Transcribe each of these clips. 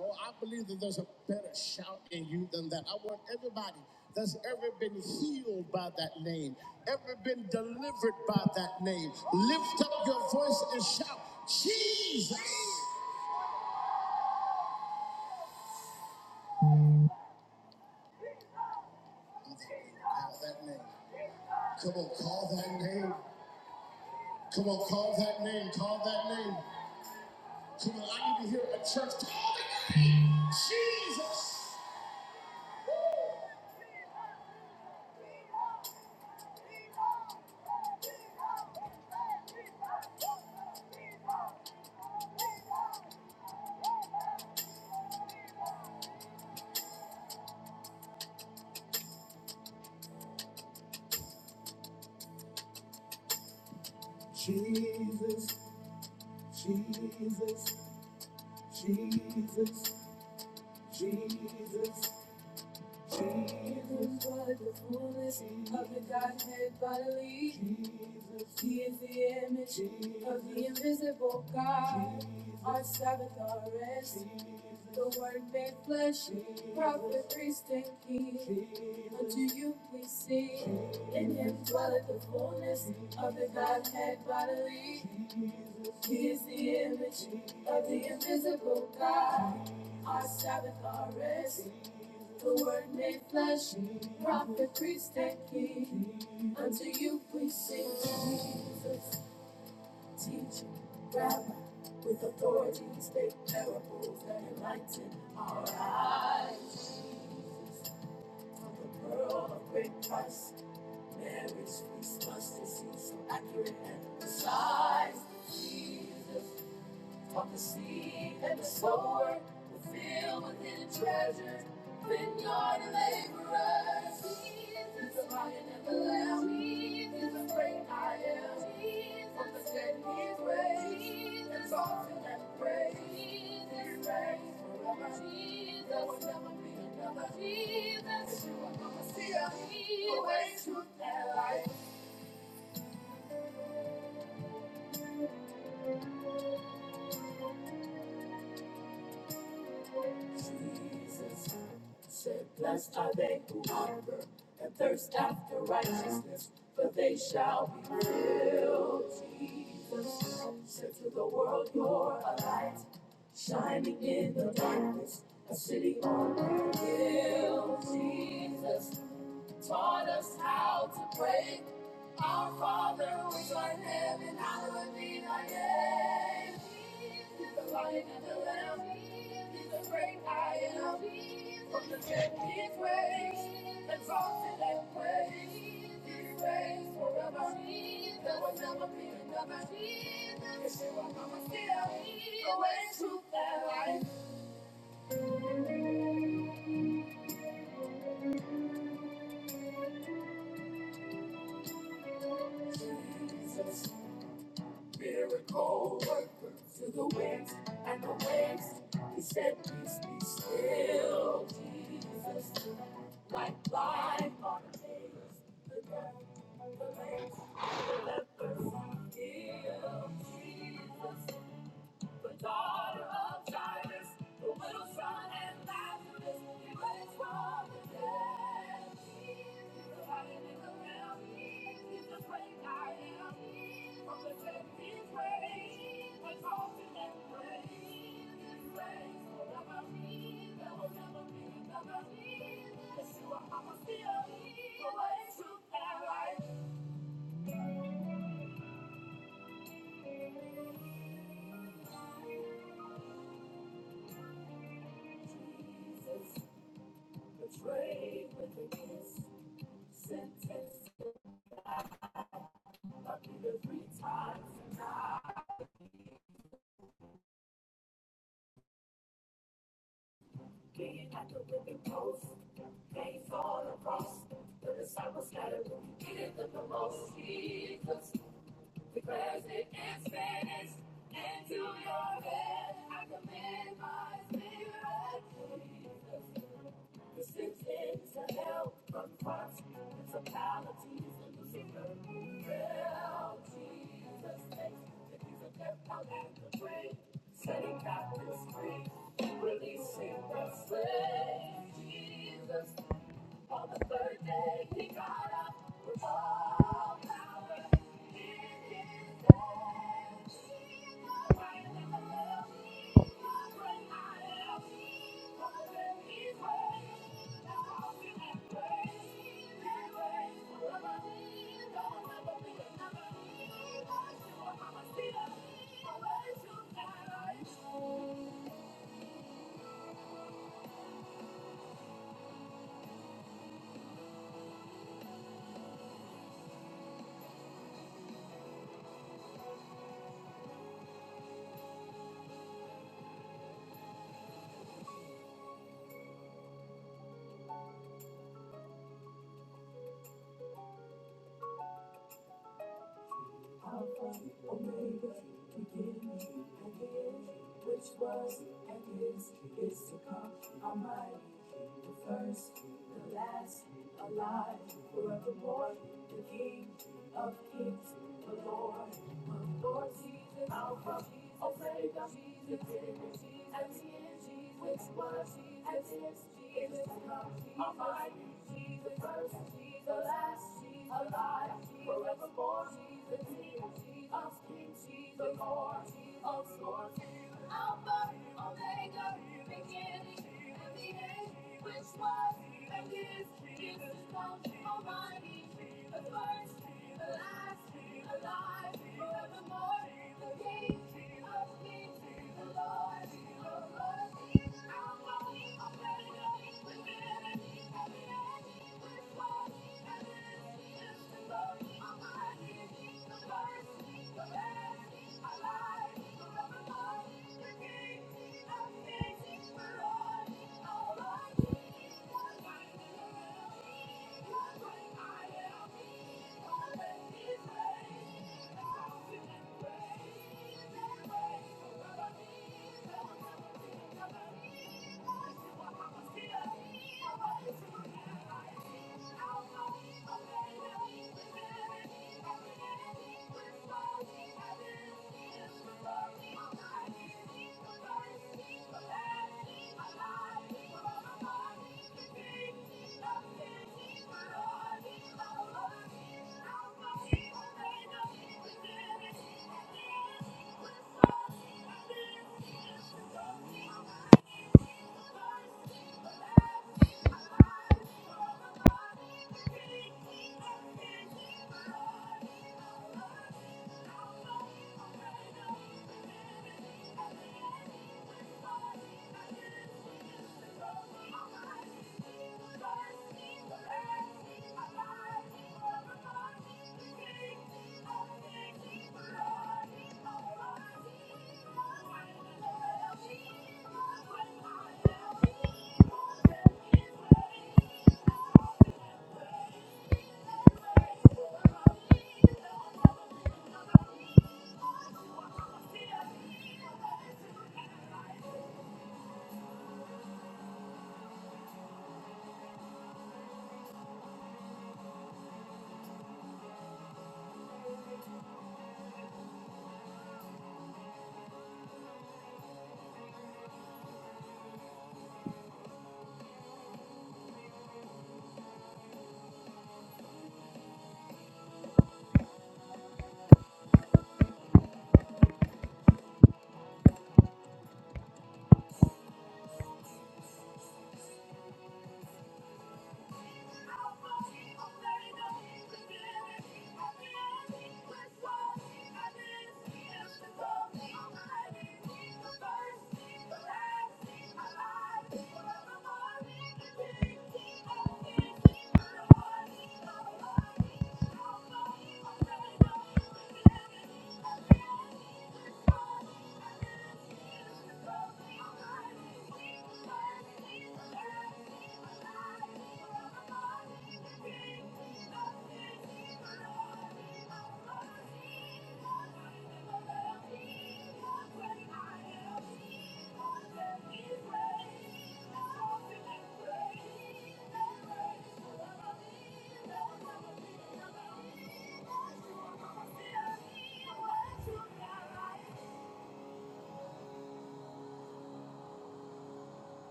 Oh, I believe that there's a better shout in you than that. I want everybody that's ever been healed by that name, ever been delivered by that name, lift up your voice and shout, Jesus! Call that name. Come on, call that name. Come on, call that name. Call that name. Come on, I need to hear a church. Call the name, Jesus! Jesus, Jesus, Jesus, Jesus. Good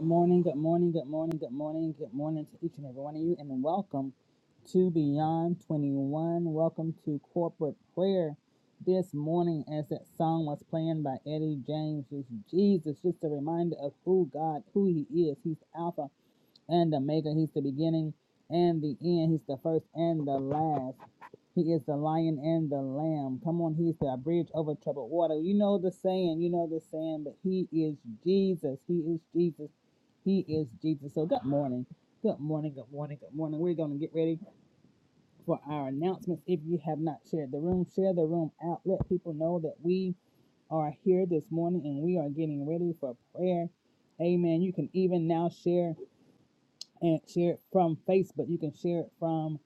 morning, good morning, good morning, good morning, good morning to each and every one of you, and welcome to Beyond 21. Welcome to corporate prayer this morning as that song was playing by Eddie James. It's Jesus, just a reminder of who God, who He is. He's Alpha and the maker. He's the beginning and the end. He's the first and the last. He is the lion and the lamb. Come on, he's the bridge over troubled water. You know the saying, you know the saying, but he is Jesus. He is Jesus. He is Jesus. So good morning. Good morning, good morning, good morning. We're going to get ready for our announcements. If you have not shared the room, share the room out. Let people know that we are here this morning and we are getting ready for prayer. Amen. You can even now share and share it from Facebook. You can share it from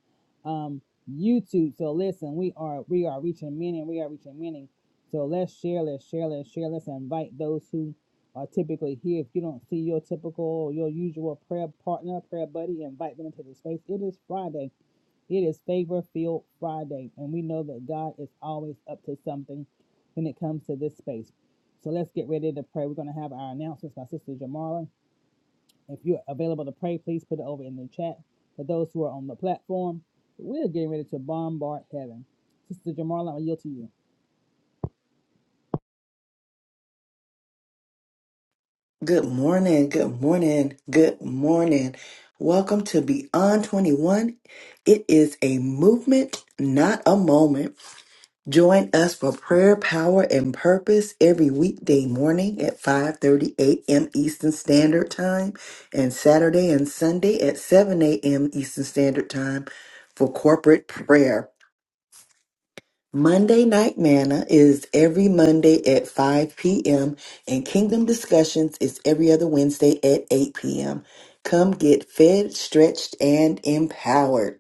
um, YouTube. So listen, we are we are reaching many, and we are reaching many. So let's share, let's share, let's share, let's invite those who are typically here. If you don't see your typical, your usual prayer partner, prayer buddy, invite them into the space. It is Friday. It is Favor Field Friday, and we know that God is always up to something when it comes to this space. So let's get ready to pray. We're going to have our announcements by Sister Jamala if you're available to pray, please put it over in the chat. For those who are on the platform, we're getting ready to bombard heaven. Sister Jamarla, I yield to you. Good morning, good morning, good morning. Welcome to Beyond 21. It is a movement, not a moment. Join us for prayer, power, and purpose every weekday morning at 5:30 a.m. Eastern Standard Time and Saturday and Sunday at 7 a.m. Eastern Standard Time for corporate prayer. Monday Night Manna is every Monday at 5 p.m., and Kingdom Discussions is every other Wednesday at 8 p.m. Come get fed, stretched, and empowered.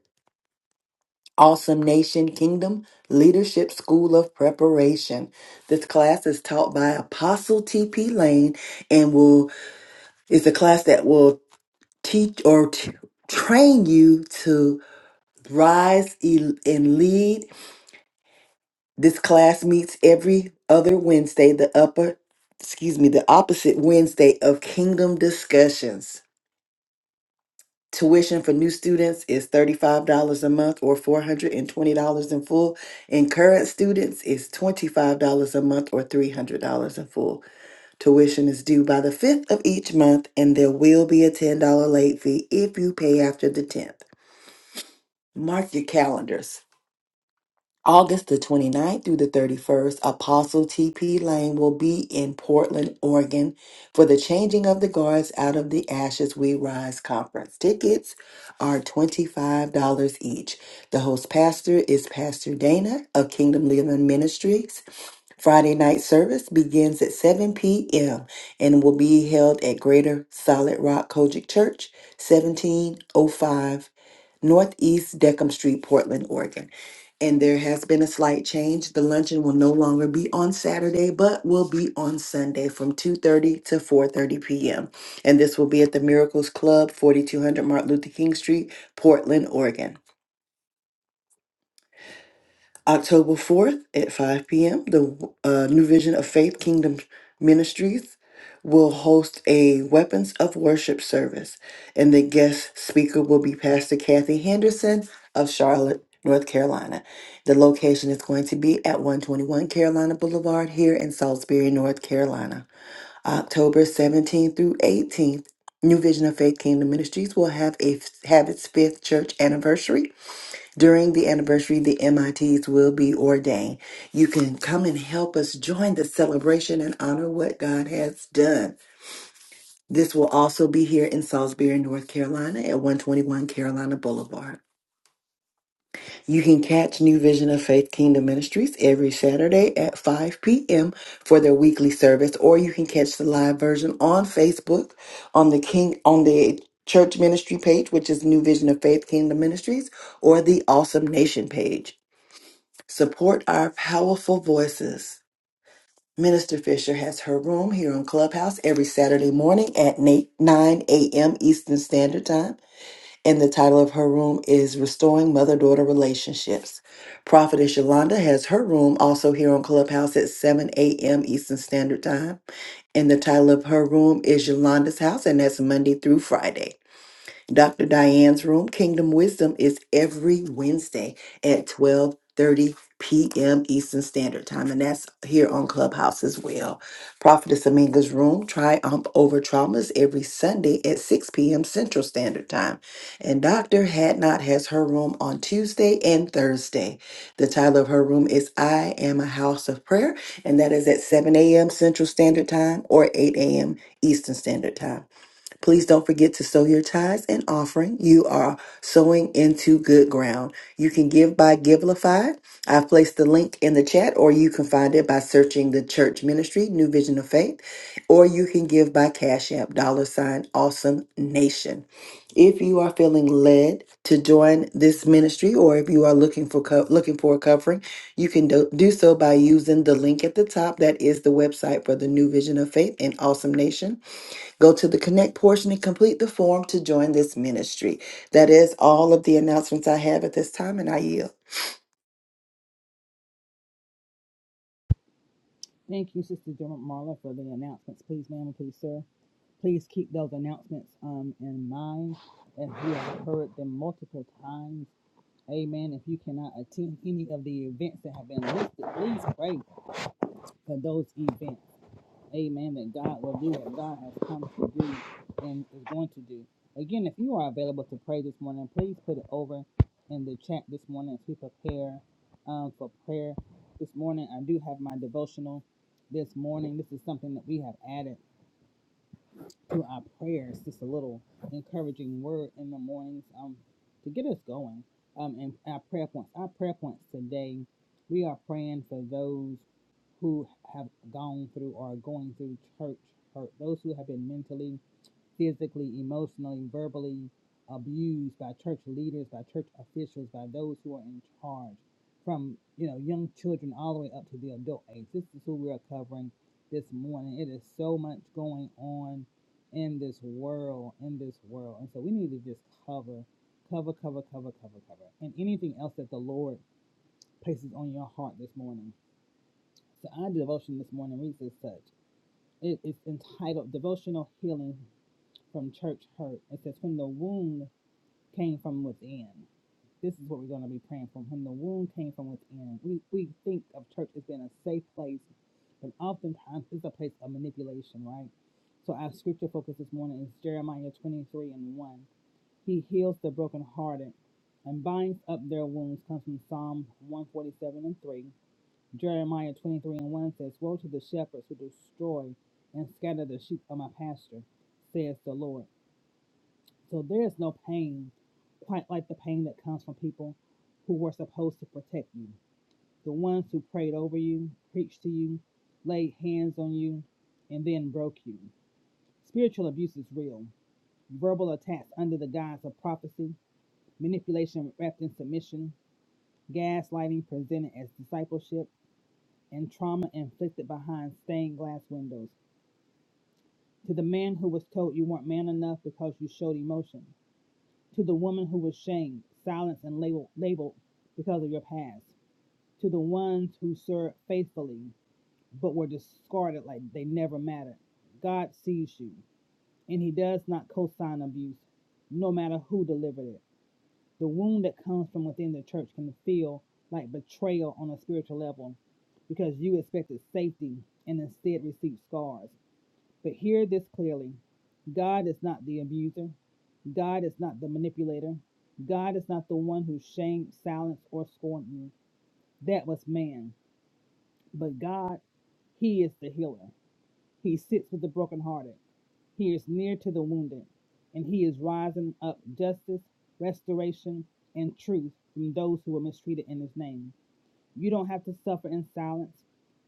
Awesome Nation Kingdom Leadership School of Preparation. This class is taught by Apostle T.P. Lane and will is a class that will teach or t- train you to rise e- and lead This class meets every other Wednesday, the upper, excuse me, the opposite Wednesday of Kingdom Discussions. Tuition for new students is $35 a month or $420 in full, and current students is $25 a month or $300 in full. Tuition is due by the 5th of each month, and there will be a $10 late fee if you pay after the 10th. Mark your calendars. August the 29th through the 31st, Apostle T.P. Lane will be in Portland, Oregon for the Changing of the Guards Out of the Ashes We Rise conference. Tickets are $25 each. The host pastor is Pastor Dana of Kingdom Living Ministries. Friday night service begins at 7 p.m. and will be held at Greater Solid Rock Kojic Church, 1705 Northeast Deckham Street, Portland, Oregon. And there has been a slight change. The luncheon will no longer be on Saturday, but will be on Sunday from 2:30 to 4:30 p.m. And this will be at the Miracles Club, 4200 Martin Luther King Street, Portland, Oregon. October 4th at 5 p.m., the uh, New Vision of Faith Kingdom Ministries will host a Weapons of Worship service, and the guest speaker will be Pastor Kathy Henderson of Charlotte, North Carolina. The location is going to be at 121 Carolina Boulevard here in Salisbury, North Carolina. October 17th through 18th, New Vision of Faith Kingdom Ministries will have a have its fifth church anniversary during the anniversary, the MITs will be ordained. You can come and help us join the celebration and honor what God has done. This will also be here in Salisbury, North Carolina at 121 Carolina Boulevard. You can catch New Vision of Faith Kingdom Ministries every Saturday at 5 p.m. for their weekly service, or you can catch the live version on Facebook on the King on the church ministry page, which is New Vision of Faith Kingdom Ministries, or the Awesome Nation page. Support our powerful voices. Minister Fisher has her room here on Clubhouse every Saturday morning at na- 9 a.m. Eastern Standard Time. And the title of her room is Restoring Mother Daughter Relationships. Prophetess Yolanda has her room also here on Clubhouse at 7 a.m. Eastern Standard Time. And the title of her room is Yolanda's House, and that's Monday through Friday. Dr. Diane's room, Kingdom Wisdom, is every Wednesday at 12:30 p.m. Eastern Standard Time, and that's here on Clubhouse as well. Prophetess Aminga's room, Triumph Over Traumas, every Sunday at 6 p.m. Central Standard Time. And Dr. Hadnot has her room on Tuesday and Thursday. The title of her room is I Am a House of Prayer, and that is at 7 a.m. Central Standard Time or 8 a.m. Eastern Standard Time. Please don't forget to sow your tithes and offering. You are sowing into good ground. You can give by Givelify. I've placed the link in the chat, or you can find it by searching the church ministry, New Vision of Faith, or you can give by Cash App, dollar sign, awesome nation. If you are feeling led to join this ministry, or if you are looking for co- looking for a covering, you can do, do so by using the link at the top. That is the website for the New Vision of Faith and Awesome Nation. Go to the connect portion and complete the form to join this ministry. That is all of the announcements I have at this time, and I yield. Thank you, Sister Jamarla, for the announcements. Please, ma'am, and please, sir. Please keep those announcements um, in mind as you have heard them multiple times. Amen. If you cannot attend any of the events that have been listed, please pray for those events. Amen. That God will do what God has come to do and is going to do. Again, if you are available to pray this morning, please put it over in the chat this morning as we prepare um, for prayer. This morning, I do have my devotional this morning. This is something that we have added through our prayers, just a little encouraging word in the mornings um, to get us going. Um, and our prayer points. Our prayer points today, we are praying for those who have gone through or are going through church hurt, those who have been mentally physically, emotionally, verbally abused by church leaders, by church officials, by those who are in charge, from you know young children all the way up to the adult age. This is who we are covering this morning. It is so much going on in this world, in this world, and so we need to just cover, cover, cover, cover, cover, cover, and anything else that the Lord places on your heart this morning. So our devotion this morning reads as such. It is entitled "Devotional Healing from church hurt. It says, When the wound came from within. This is what we're going to be praying from. When the wound came from within. We, we think of church as being a safe place, but oftentimes it's a place of manipulation, right? So our scripture focus this morning is Jeremiah 23 and 1. He heals the brokenhearted and binds up their wounds, comes from Psalm 147 and 3. Jeremiah 23 and 1 says, Woe to the shepherds who destroy and scatter the sheep of my pasture, says the Lord. So there is no pain quite like the pain that comes from people who were supposed to protect you, the ones who prayed over you, preached to you, laid hands on you, and then broke you. Spiritual abuse is real. Verbal attacks under the guise of prophecy, manipulation wrapped in submission, gaslighting presented as discipleship, and trauma inflicted behind stained glass windows. To the man who was told you weren't man enough because you showed emotion, to the woman who was shamed, silenced, and labeled, labeled because of your past, to the ones who served faithfully but were discarded like they never mattered. God sees you, and He does not co sign abuse, no matter who delivered it. The wound that comes from within the church can feel like betrayal on a spiritual level because you expected safety and instead received scars. But hear this clearly God is not the abuser, God is not the manipulator, God is not the one who shamed, silenced, or scorned you. That was man. But God, He is the healer. He sits with the brokenhearted, He is near to the wounded, and He is rising up justice, restoration, and truth from those who were mistreated in His name. You don't have to suffer in silence.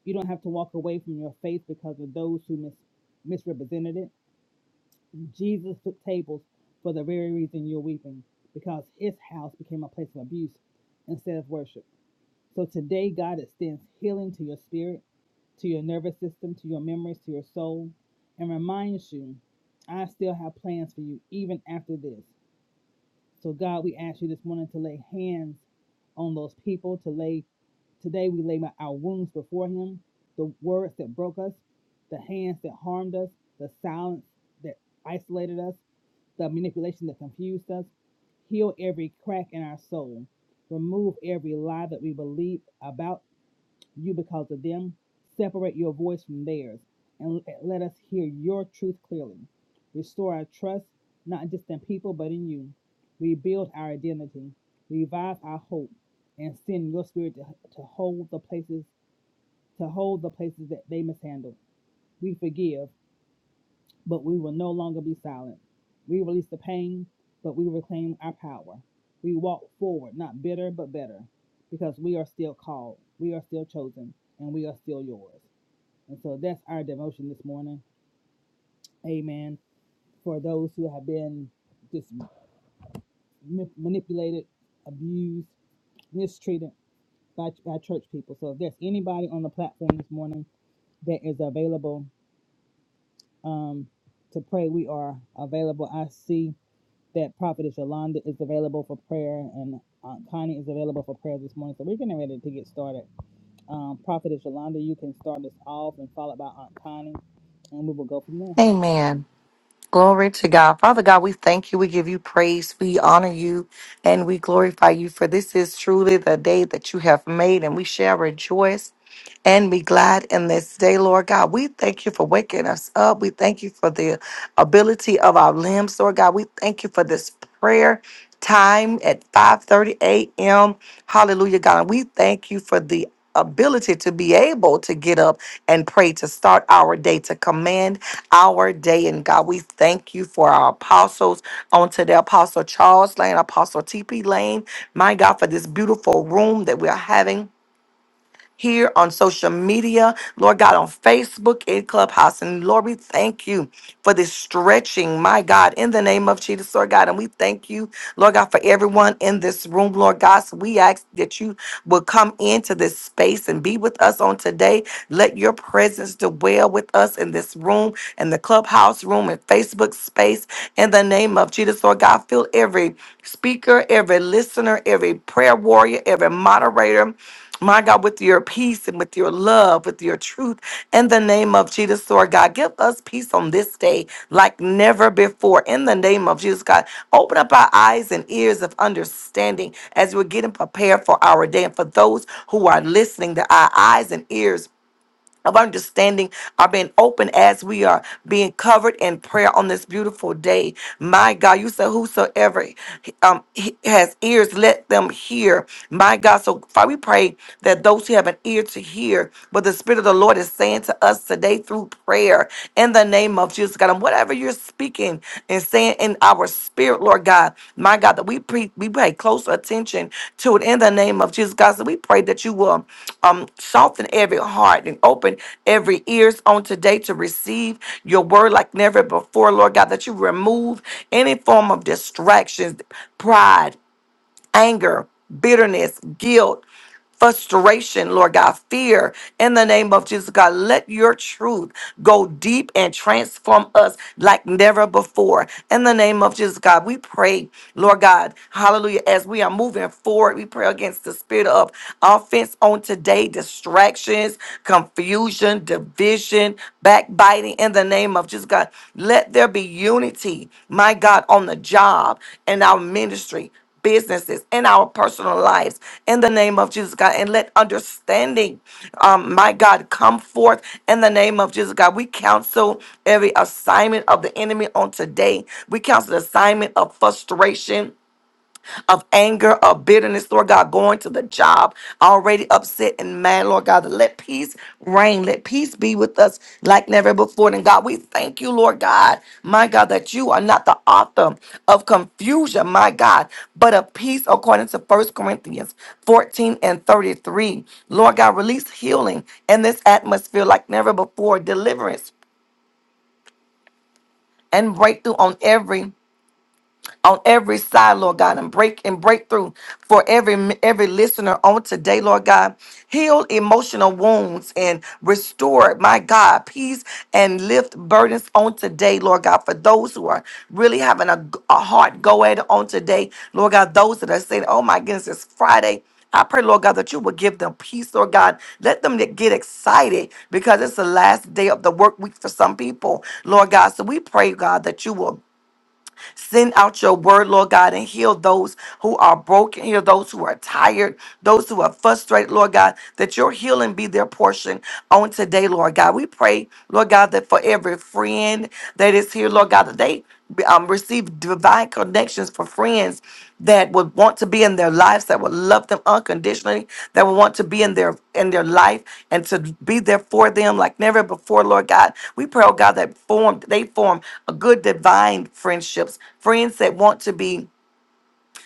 You don't have to walk away from your faith because of those who mis- misrepresented it. Jesus took tables for the very reason you're weeping, because his house became a place of abuse instead of worship. So today, God extends healing to your spirit, to your nervous system, to your memories, to your soul, and reminds you, I still have plans for you even after this. So, God, we ask you this morning to lay hands on those people, to lay Today we lay our wounds before him, the words that broke us, the hands that harmed us, the silence that isolated us, the manipulation that confused us. Heal every crack in our soul. Remove every lie that we believe about you because of them. Separate your voice from theirs and let us hear your truth clearly. Restore our trust, not just in people, but in you. Rebuild our identity, revive our hope, and send your spirit to, to hold the places to hold the places that they mishandle. We forgive, but we will no longer be silent. We release the pain, but we reclaim our power. We walk forward, not bitter, but better, because we are still called, we are still chosen, and we are still yours. And so that's our devotion this morning. Amen. For those who have been just ma- manipulated, abused, mistreated by, by church people. So if there's anybody on the platform this morning that is available um, to pray, we are available. I see that Prophetess Yolanda is available for prayer and Aunt Connie is available for prayer this morning. So we're getting ready to get started. Um, Prophetess Yolanda, you can start us off and followed by Aunt Connie, and we will go from there. Amen. Glory to God. Father God, we thank you. We give you praise. We honor you and we glorify you, for this is truly the day that you have made, and we shall rejoice and be glad in this day, Lord God. We thank you for waking us up. We thank you for the ability of our limbs, Lord God. We thank you for this prayer time at 5:30 a.m. Hallelujah, God. And we thank you for the ability to be able to get up and pray to start our day to command our day and God we thank you for our apostles on today apostle Charles Lane apostle TP Lane my God for this beautiful room that we are having here on social media, Lord God, on Facebook in Clubhouse. And Lord, we thank you for this stretching, my God, in the name of Jesus, Lord God. And we thank you, Lord God, for everyone in this room, Lord God. So we ask that you will come into this space and be with us on today. Let your presence dwell with us in this room, in the Clubhouse room, and Facebook space, in the name of Jesus, Lord God. Fill every speaker, every listener, every prayer warrior, every moderator my God, with your peace and with your love, with your truth, in the name of Jesus, Lord God, give us peace on this day like never before. In the name of Jesus, God, open up our eyes and ears of understanding as we're getting prepared for our day. And for those who are listening, that our eyes and ears of understanding are being open as we are being covered in prayer on this beautiful day. My God, you said whosoever um, he- has ears, let them hear. My God, so Father, we pray that those who have an ear to hear what the Spirit of the Lord is saying to us today through prayer in the name of Jesus, God. And whatever you're you're speaking and saying in our spirit, Lord God, my God, that we pre- we pay close attention to it in the name of Jesus, God. So we pray that you will um soften every heart and open every ears on today to receive your word like never before, Lord God, that you remove any form of distractions, pride anger, bitterness, guilt, frustration, Lord God, fear in the name of Jesus, God. Let your truth go deep and transform us like never before. In the name of Jesus, God, we pray, Lord God, hallelujah, as we are moving forward, we pray against the spirit of offense on today, distractions, confusion, division, backbiting. In the name of Jesus, God, let there be unity, my God, on the job and our ministry businesses, in our personal lives, in the name of Jesus, God. And let understanding, um, my God, come forth in the name of Jesus, God. We counsel every assignment of the enemy on today. We counsel the assignment of frustration of anger or bitterness, Lord God, going to the job already upset and mad, Lord God, let peace reign. Let peace be with us like never before. And God, we thank you, Lord God, my God, that you are not the author of confusion, my God, but of peace according to First Corinthians 14 and 33. Lord God, release healing in this atmosphere like never before, deliverance and breakthrough on every on every side, Lord God, and break and breakthrough for every every listener on today, Lord God. Heal emotional wounds and restore, my God, peace and lift burdens on today, Lord God, for those who are really having a, a hard go at it on today, Lord God, those that are saying, oh my goodness, it's Friday. I pray, Lord God, that you will give them peace, Lord God. Let them get excited because it's the last day of the work week for some people, Lord God. So we pray, God, that you will Send out your word, Lord God, and heal those who are broken, heal those who are tired, those who are frustrated, Lord God, that your healing be their portion on today, Lord God. We pray, Lord God, that for every friend that is here, Lord God, that they um, receive divine connections for friends that would want to be in their lives, that would love them unconditionally, that would want to be in their in their life and to be there for them like never before, Lord God. We pray, oh God, that formed they form a good divine friendships, friends that want to be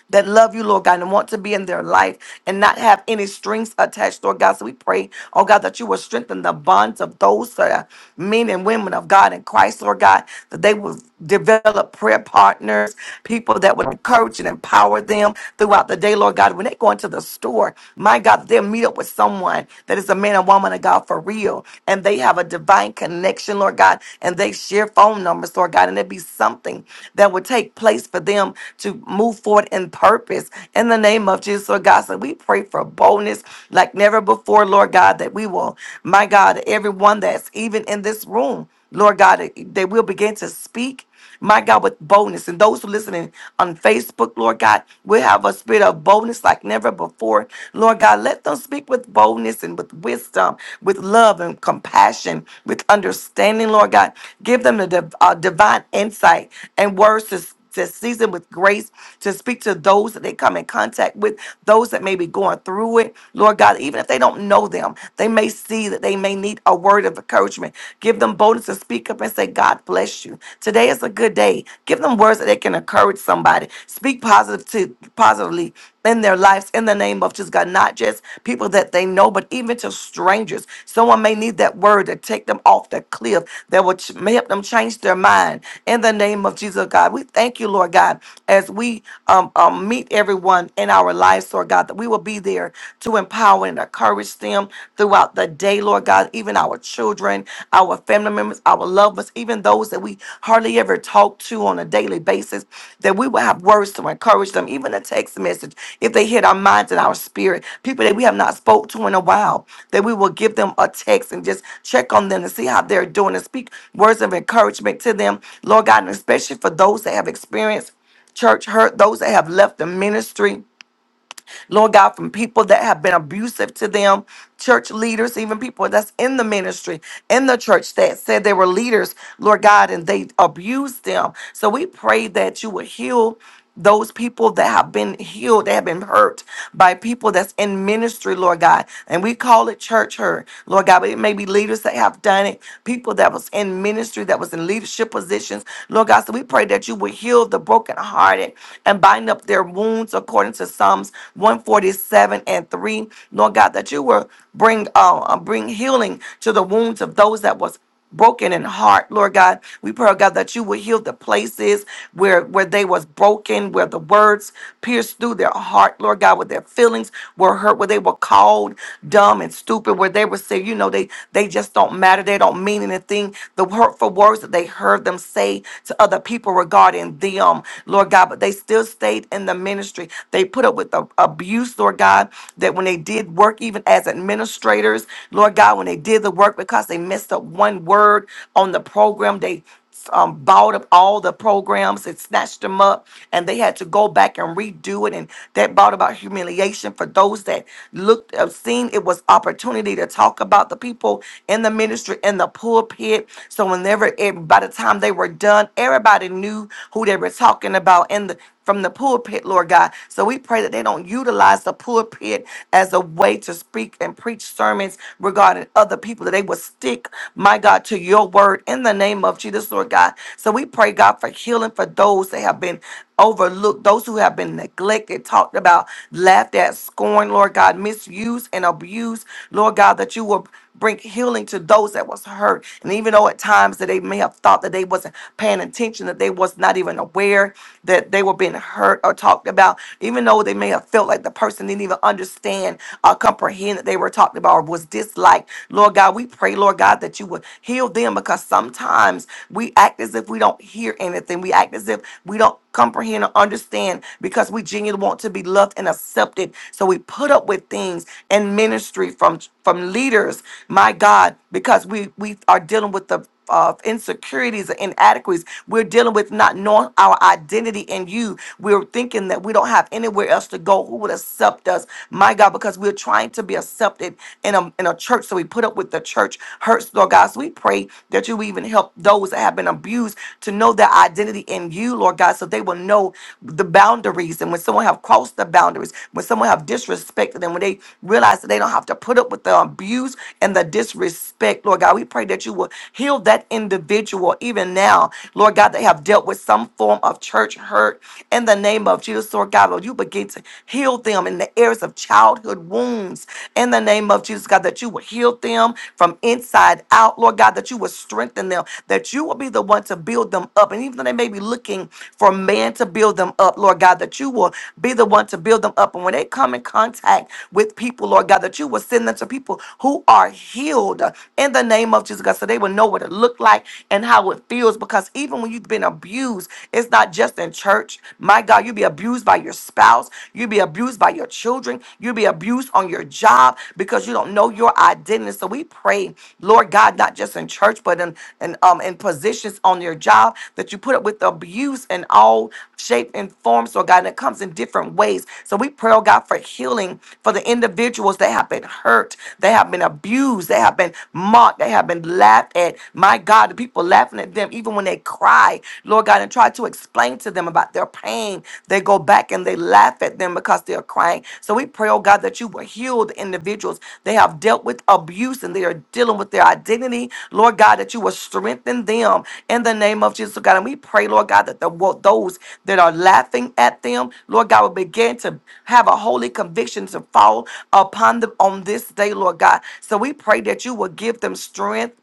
that love you, Lord God, and want to be in their life and not have any strings attached, Lord God. So we pray, oh God, that you will strengthen the bonds of those that are men and women of God in Christ, Lord God, that they will develop prayer partners, people that would encourage and empower them throughout the day, Lord God. When they go into the store, my God, they'll meet up with someone that is a man and woman of God for real, and they have a divine connection, Lord God, and they share phone numbers, Lord God, and it be something that would take place for them to move forward in purpose in the name of Jesus, Lord God. So we pray for boldness like never before, Lord God, that we will, my God, everyone that's even in this room, Lord God, that we'll begin to speak. My God, with boldness. And those who listening on Facebook, Lord God, will have a spirit of boldness like never before. Lord God, let them speak with boldness and with wisdom, with love and compassion, with understanding, Lord God. Give them the div- uh, divine insight and words to speak to season with grace to speak to those that they come in contact with, those that may be going through it. Lord God, even if they don't know them, they may see that they may need a word of encouragement. Give them boldness to speak up and say, God bless you. Today is a good day. Give them words that they can encourage somebody. Speak positive to positively in their lives in the name of just God, not just people people that they know, but even to strangers. Someone may need that word to take them off the cliff that will ch- may help them change their mind. In the name of Jesus, God, we thank you, Lord God, as we um, um, meet everyone in our lives, Lord God, that we will be there to empower and encourage them throughout the day, Lord God, even our children, our family members, our loved ones, even those even those that we hardly ever talk to on a daily basis, that we will have words to encourage them, even a text message, if they hit our minds and our spirit, people that we have not spoke to in a while, that we will give them a text and just check on them to see how they're doing and speak words of encouragement to them, Lord God, and especially for those that have experienced church hurt, those that have left the ministry Lord God, from people that have been abusive to them, church leaders, even people that's in the ministry, in the church that said they were leaders, Lord God, and they abused them. So we pray that you would heal those people that have been healed, that have been hurt by people that's in ministry, Lord God. And we call it church hurt, Lord God, but it may be leaders that have done it, people that was in ministry, that was in leadership positions, Lord God. So we pray that you would heal the brokenhearted and bind up their wounds according to Psalms 147 and 3. Lord God, that you will bring uh, uh, bring healing to the wounds of those that was broken in heart, Lord God. We pray, oh God, that you will heal the places where where they was broken, where the words pierced through their heart, Lord God, where their feelings were hurt, where they were called dumb and stupid, where they were saying, you know, they they just don't matter, they don't mean anything. The hurtful words that they heard them say to other people regarding them, Lord God, but they still stayed in the the ministry. They put up with the abuse, Lord God, that when they did work, even as administrators, Lord God, when they did the work because they messed up one word on the program, they um, bought up all the programs and snatched them up, and they had to go back and redo it. And that brought about humiliation for those that looked, uh, seen it was opportunity to talk about the people in the ministry in the pulpit. So whenever, it, by the time they were done, everybody knew who they were talking about in the from the pulpit, Lord God. So we pray that they don't utilize the pulpit as a way to speak and preach sermons regarding other people, that they will stick, my God, to your word in the name of Jesus, Lord God. So we pray, God, for healing for those that have been overlooked, those who have been neglected, talked about, laughed at, scorned, Lord God, misused and abused, Lord God, that you will bring healing to those that was hurt. And even though at times that they may have thought that they wasn't paying attention, that they was not even aware that they were being hurt or talked about, even though they may have felt like the person didn't even understand or comprehend that they were talked about or was disliked. Lord God, we pray, Lord God, that you would heal them because sometimes we act as if we don't hear anything. We act as if we don't comprehend or understand because we genuinely want to be loved and and accepted. So we put up with things in ministry from from leaders, my God, because we we are dealing with the uh, insecurities and inadequacies. We're dealing with not knowing our identity in you. We're thinking that we don't have anywhere else to go. Who would accept us? My God, because we're trying to be accepted in a, in a church. So we put up with the church hurts, Lord God. So we pray that you even help those that have been abused to know their identity identity in you, Lord God, so they will know the boundaries. And when someone have crossed the boundaries, when someone have disrespected them, when they realize that they don't have to put up with the abuse and the disrespect, Lord God, we pray that you will heal that individual even now, Lord God, they have dealt with some form of church hurt in the name of Jesus, Lord God, Lord, you begin to heal them in the areas of childhood wounds in the name of Jesus, God, that you will heal them from inside out, Lord God, that you will strengthen them, that you will be the one to build them up. And even though they may be looking for man to build them up, Lord God, that you will be the one to build them up. And when they come in contact with people, Lord God, that you will send them to people who are healed in the name of Jesus, God, so they will know what it looked like and how it feels. Because even when you've been abused, it's not just in church. My God, you'll be abused by your spouse, you'll be abused by your children children. You'll be abused on your job because you don't know your identity. So we pray, Lord God, not just in church, but in, in, um, in positions on your job that you put up with abuse in all shape and forms, Lord God, and it comes in different ways. So we pray, oh God, for healing for the individuals that have been hurt, they have been abused, they have been mocked, they have been laughed at. My God, the people laughing at them even when they cry, Lord God, and try to explain to them about their pain, they go back and they laugh at them because they're crying. So we pray, oh God, that you will heal the individuals. They have dealt with abuse and they are dealing with their identity. Lord God, that you will strengthen them in the name of Jesus, oh God. And we pray, Lord God, that the, wo- those that are laughing at them, Lord God, will begin to have a holy conviction to fall upon them on this day, Lord God. So we pray that you will give them strength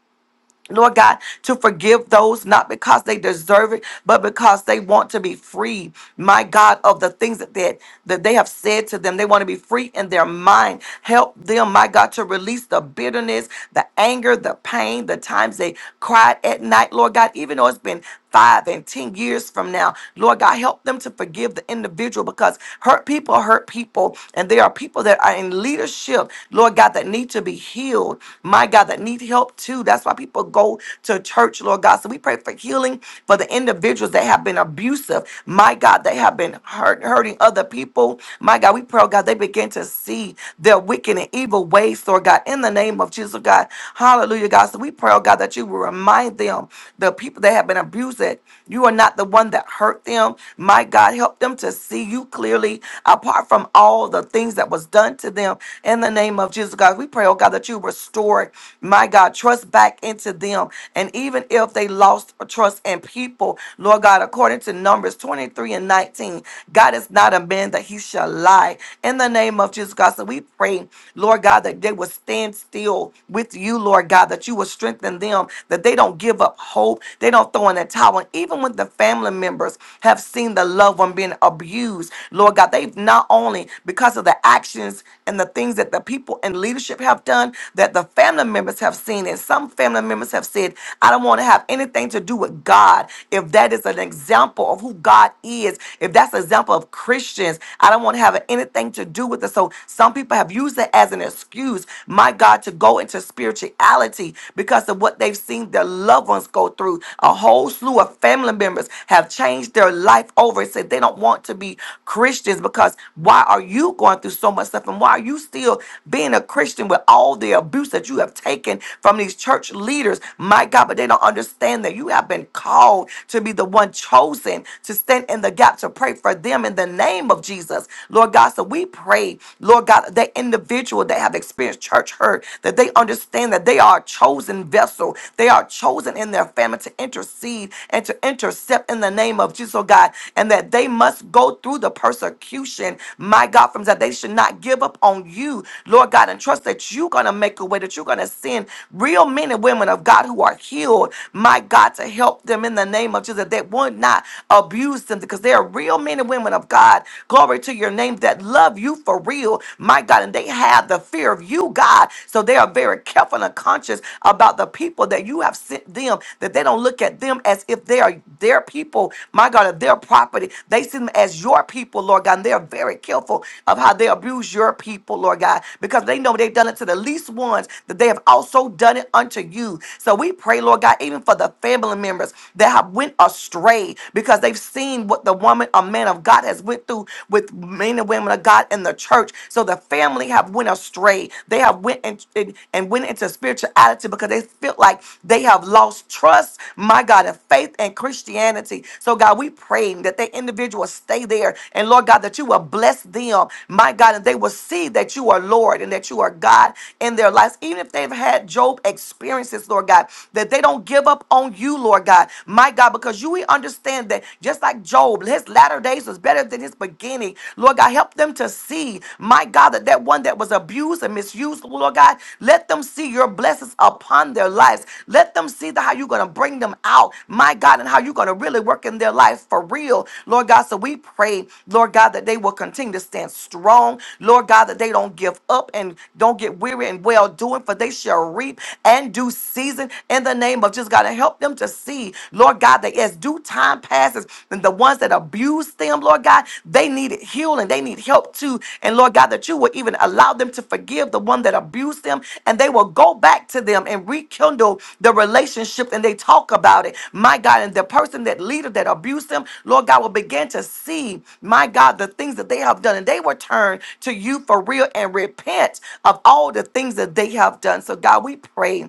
Lord God, to forgive those not because they deserve it, but because they want to be free, my God, of the things that they, that they have said to them. They want to be free in their mind. Help them, my God, to release the bitterness, the anger, the pain, the times they cried at night, Lord God, even though it's been five and 10 years from now. Lord God, help them to forgive the individual because hurt people hurt people. And there are people that are in leadership, Lord God, that need to be healed. My God, that need help too. That's why people go to church, Lord God. So we pray for healing for the individuals that have been abusive. My God, they have been hurt, hurting other people. My God, we pray, oh God, they begin to see their wicked and evil ways, Lord God, in the name of Jesus, oh God. Hallelujah, God. So we pray, oh God, that you will remind remind them, the people that have been abused, that you are not the one that hurt them. My God, help them to see you clearly apart from all the things that was done to them. In the name of Jesus, God, we pray, oh God, that you restore, my God, trust back into them. And even if they lost trust in people, Lord God, according to Numbers 23 and 19, God is not a man that he shall lie. In the name of Jesus, God, so we pray, Lord God, that they will stand still with you, Lord. Lord God, that you will strengthen them, that they don't give up hope, they don't throw in the towel. And even when the family members have seen the loved one being abused, Lord God, they've not only because of the actions and the things that the people in leadership have done, that the family members have seen, and some family members have said, I don't want to have anything to do with God. If that is an example of who God is, if that's an example of Christians, I don't want to have anything to do with it. So some people have used it as an excuse refuse, my God, to go into spirituality because of what they've seen their loved ones go through. A whole slew of family members have changed their life over and said they don't want to be Christians because why are you going through so much stuff and why are you still being a Christian with all the abuse that you have taken from these church leaders? My God, but they don't understand that you have been called to be the one chosen to stand in the gap to pray for them in the name of Jesus. Lord God, so we pray, Lord. Lord God, that individual that have experienced church hurt, that they understand that they are a chosen vessel. They are chosen in their family to intercede and to intercept in the name of Jesus, oh God, and that they must go through the persecution, my God, from that they should not give up on you, Lord God, and trust that you're going to make a way, that you're going to send real men and women of God who are healed, my God, to help them in the name of Jesus, that they would not abuse them because they are real men and women of God. Glory glory to your name, that love you for real, my God. And they have the fear of you, God. So they are very careful and conscious about the people that you have sent them, that they don't look at them as if they are their people, my God, of their property. They see them as your people, Lord God. And they are very careful of how they abuse your people, Lord God, because they know they've done it to the least ones, that they have also done it unto you. So we pray, Lord God, even for the family members that have went astray because they've seen what the woman, a man of God has went through with men and women of God in the church. So the family have went astray. They have went and, and, and went into spirituality because they feel like they have lost trust, my God, in faith and Christianity. So God, we praying that they individuals stay there. And Lord God, that you will bless them, my God, and they will see that you are Lord and that you are God in their lives. Even if they've had Job experiences, Lord God, that they don't give up on you, Lord God, my God, because you do we understand that just like Job, his latter days was better than his beginning? Lord God, help them to see, my God, that that one that was abused and misused, Lord God, let them see your blessings upon their lives. Let them see the, how you're going to bring them out, my God, and how you're going to really work in their life for real, Lord God. So we pray, Lord God, that they will continue to stand strong, Lord God, that they don't give up and don't get weary and well doing, for they shall reap and do season in the name of just God to help them to see, Lord God, that as due time passes, and the ones that abuse them, Lord God, they need healing, they need help too. And Lord God, that you will even allow them to forgive the one that abused them, and they will go back to them and rekindle the relationship and they talk about it. My God, and the person that leader that abused them, Lord God, will begin to see, my God, the things that they have done, and they will turn to you for real and repent of all the things that they have done. So, God, we pray.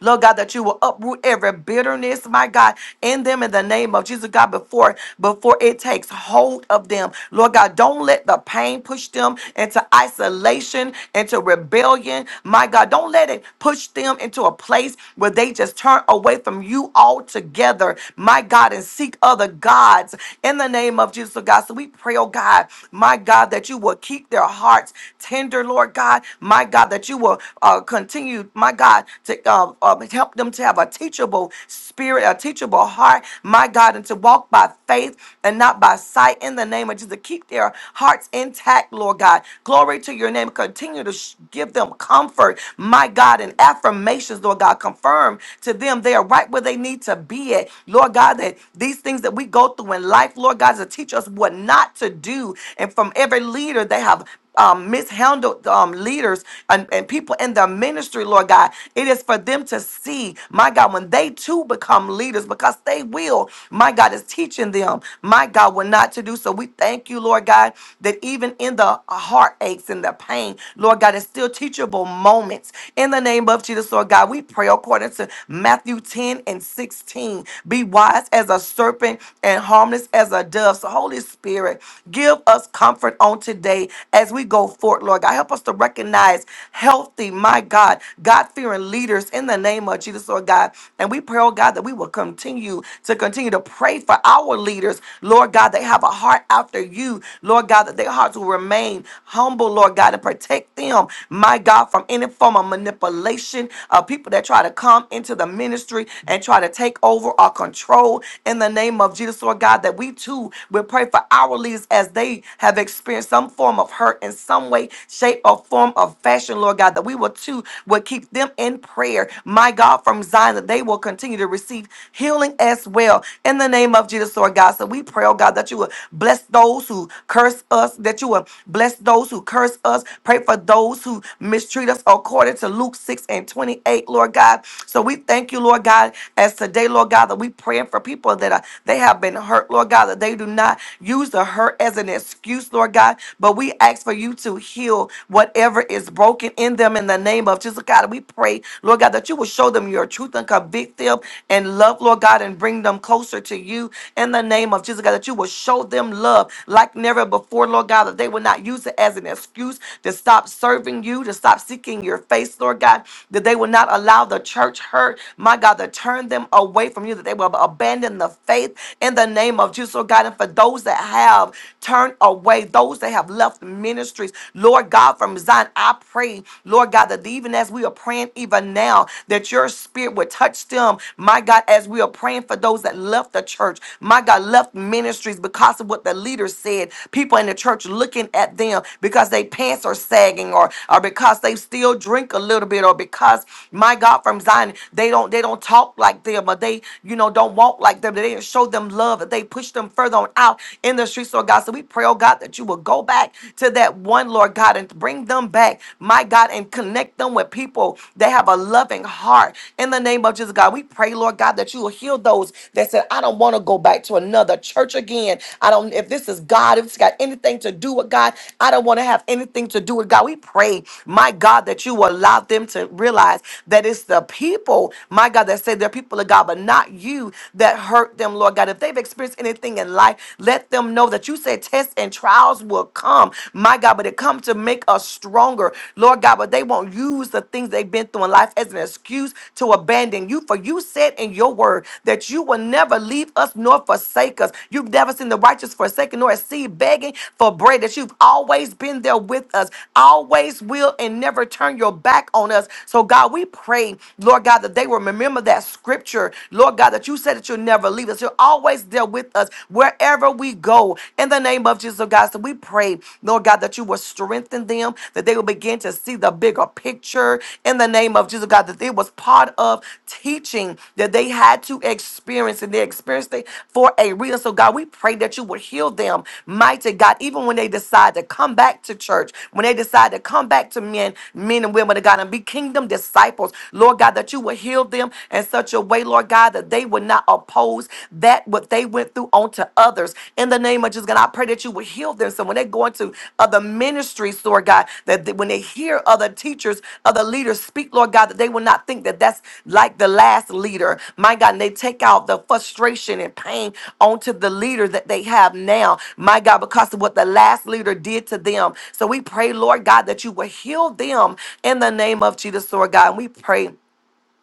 Lord God, that you will uproot every bitterness, my God, in them in the name of Jesus, God, before before it takes hold of them. Lord God, don't let the pain push them into isolation, into rebellion. My God, don't let it push them into a place where they just turn away from you altogether, my God, and seek other gods in the name of Jesus, oh God. So we pray, oh God, my God, that you will keep their hearts tender, Lord God, my God, that you will uh, continue my God, to uh, uh, help them to have a teachable spirit, a teachable heart, my God, and to walk by faith and not by sight in the name of Jesus. To keep their hearts intact, Lord God. Glory to your name. Continue to sh- give them comfort, my God, and affirmations, Lord God. Confirm to them they are right where they need to be at, Lord God, that these things that we go through in life, Lord God, is to teach us what not to do. And from every leader, they have um, mishandled um, leaders and, and people in the ministry, Lord God. It is for them to see, my God, when they too become leaders, because they will, my God, is teaching them, my God, what not to do. So we thank you, Lord God, that even in the heartaches and the pain, Lord God, it's still teachable moments. In the name of Jesus, Lord God, we pray according to Matthew 10 and 16. Be wise as a serpent and harmless as a dove. So, Holy Spirit, give us comfort on on today as we go forth, Lord God. Help us to recognize healthy, my God, God fearing leaders in the name of Jesus, Lord God. And we pray, oh God, that we will continue to continue to pray for our leaders, Lord God. They have a heart after you, Lord God, that their hearts will remain humble, Lord God, and protect them, my God, from any form of manipulation of people that try to come into the ministry and try to take over or control in the name of Jesus, Lord God, that we too will pray for our leaders as past, they have experienced some form of hurt in some way, shape, or form of fashion, Lord God, that we will too will keep them in prayer. My God, from Zion, that they will continue to receive healing as well. In the name of Jesus, Lord God. So we pray, oh God, that you will bless those who curse us, that you will bless those who curse us. Pray for those who mistreat us according to Luke 6 and 28, Lord God. So we thank you, Lord God, as today, Lord God, that we praying for people that are they have been hurt, Lord God, that they do not used the hurt as an excuse, Lord God. But we ask for you to heal whatever is broken in them in the name of Jesus, God. We pray, Lord God, that you will show them your truth and convict them and love, Lord God, and bring them closer to you in the name of Jesus, God. That you will show them love like never before, Lord God, that they will not use it as an excuse to stop serving you, to stop seeking your face, Lord God, that they will not allow the church hurt, my God, to turn them away from you, that they will abandon the faith in the name of of Jesus, Lord God, and for those that have turned away, those that have left ministries, Lord God, from Zion, I pray, Lord God, that even as we are praying, even now, that your spirit would touch them, my God, as we are praying for those that left the church, my God, left ministries because of what the leader said, people in the church looking at them because they pants are sagging or, or because they still drink a little bit or because, my God, from Zion, they don't they don't talk like them or they, you know, don't walk like them. They didn't show them love, that they push them further on out in the streets, Lord God. So we pray, oh God, that you will go back to that one, Lord God, and bring them back, my God, and connect them with people that have a loving heart. In the name of Jesus, God, we pray, Lord God, that you will heal those that said, I don't want to go back to another church again. I don't, if this is God, if it's got anything to do with God, I don't want to have anything to do with God. We pray, my God, that you will allow them to realize that it's the people, my God, that say they're people of God, but not you them that hurt them, Lord God. If they've experienced anything in life, let them know that you said tests and trials will come, my God, but it comes to make us stronger, Lord God. But they won't use the things they've been through in life as an excuse to abandon you. For you said in your word that you will never leave us nor forsake us. You've never seen the righteous forsaken nor a seed begging for bread, that you've always been there with us, always will, and never turn your back on us. So, God, we pray, Lord God, that they will remember that scripture nature, Lord God, that you said that you'll never leave us. You're always there with us wherever we go. In the name of Jesus, oh God, so we pray, Lord God, that you will strengthen them, that they will begin to see the bigger picture. In the name of Jesus, oh God, that it was part of teaching that they had to experience, and they experienced it for a reason. So, God, we pray that you would heal them, mighty God, even when they decide to come back to church, when they decide to come back to men, men and women of God, and be kingdom disciples, Lord God, that you will heal them them in such a way, Lord God, that they would not oppose that what they went through onto others. In the name of Jesus, God, I pray that you would heal them. So when they go into other ministries, Lord God, that they- when they hear other teachers, other leaders speak, Lord God, that they will not think that that's like the last leader. My God, and they take out the frustration and pain onto the leader that they have now. My God, because of what the last leader did to them. So we pray, Lord God, that you will heal them in the name of Jesus, Lord God. And we pray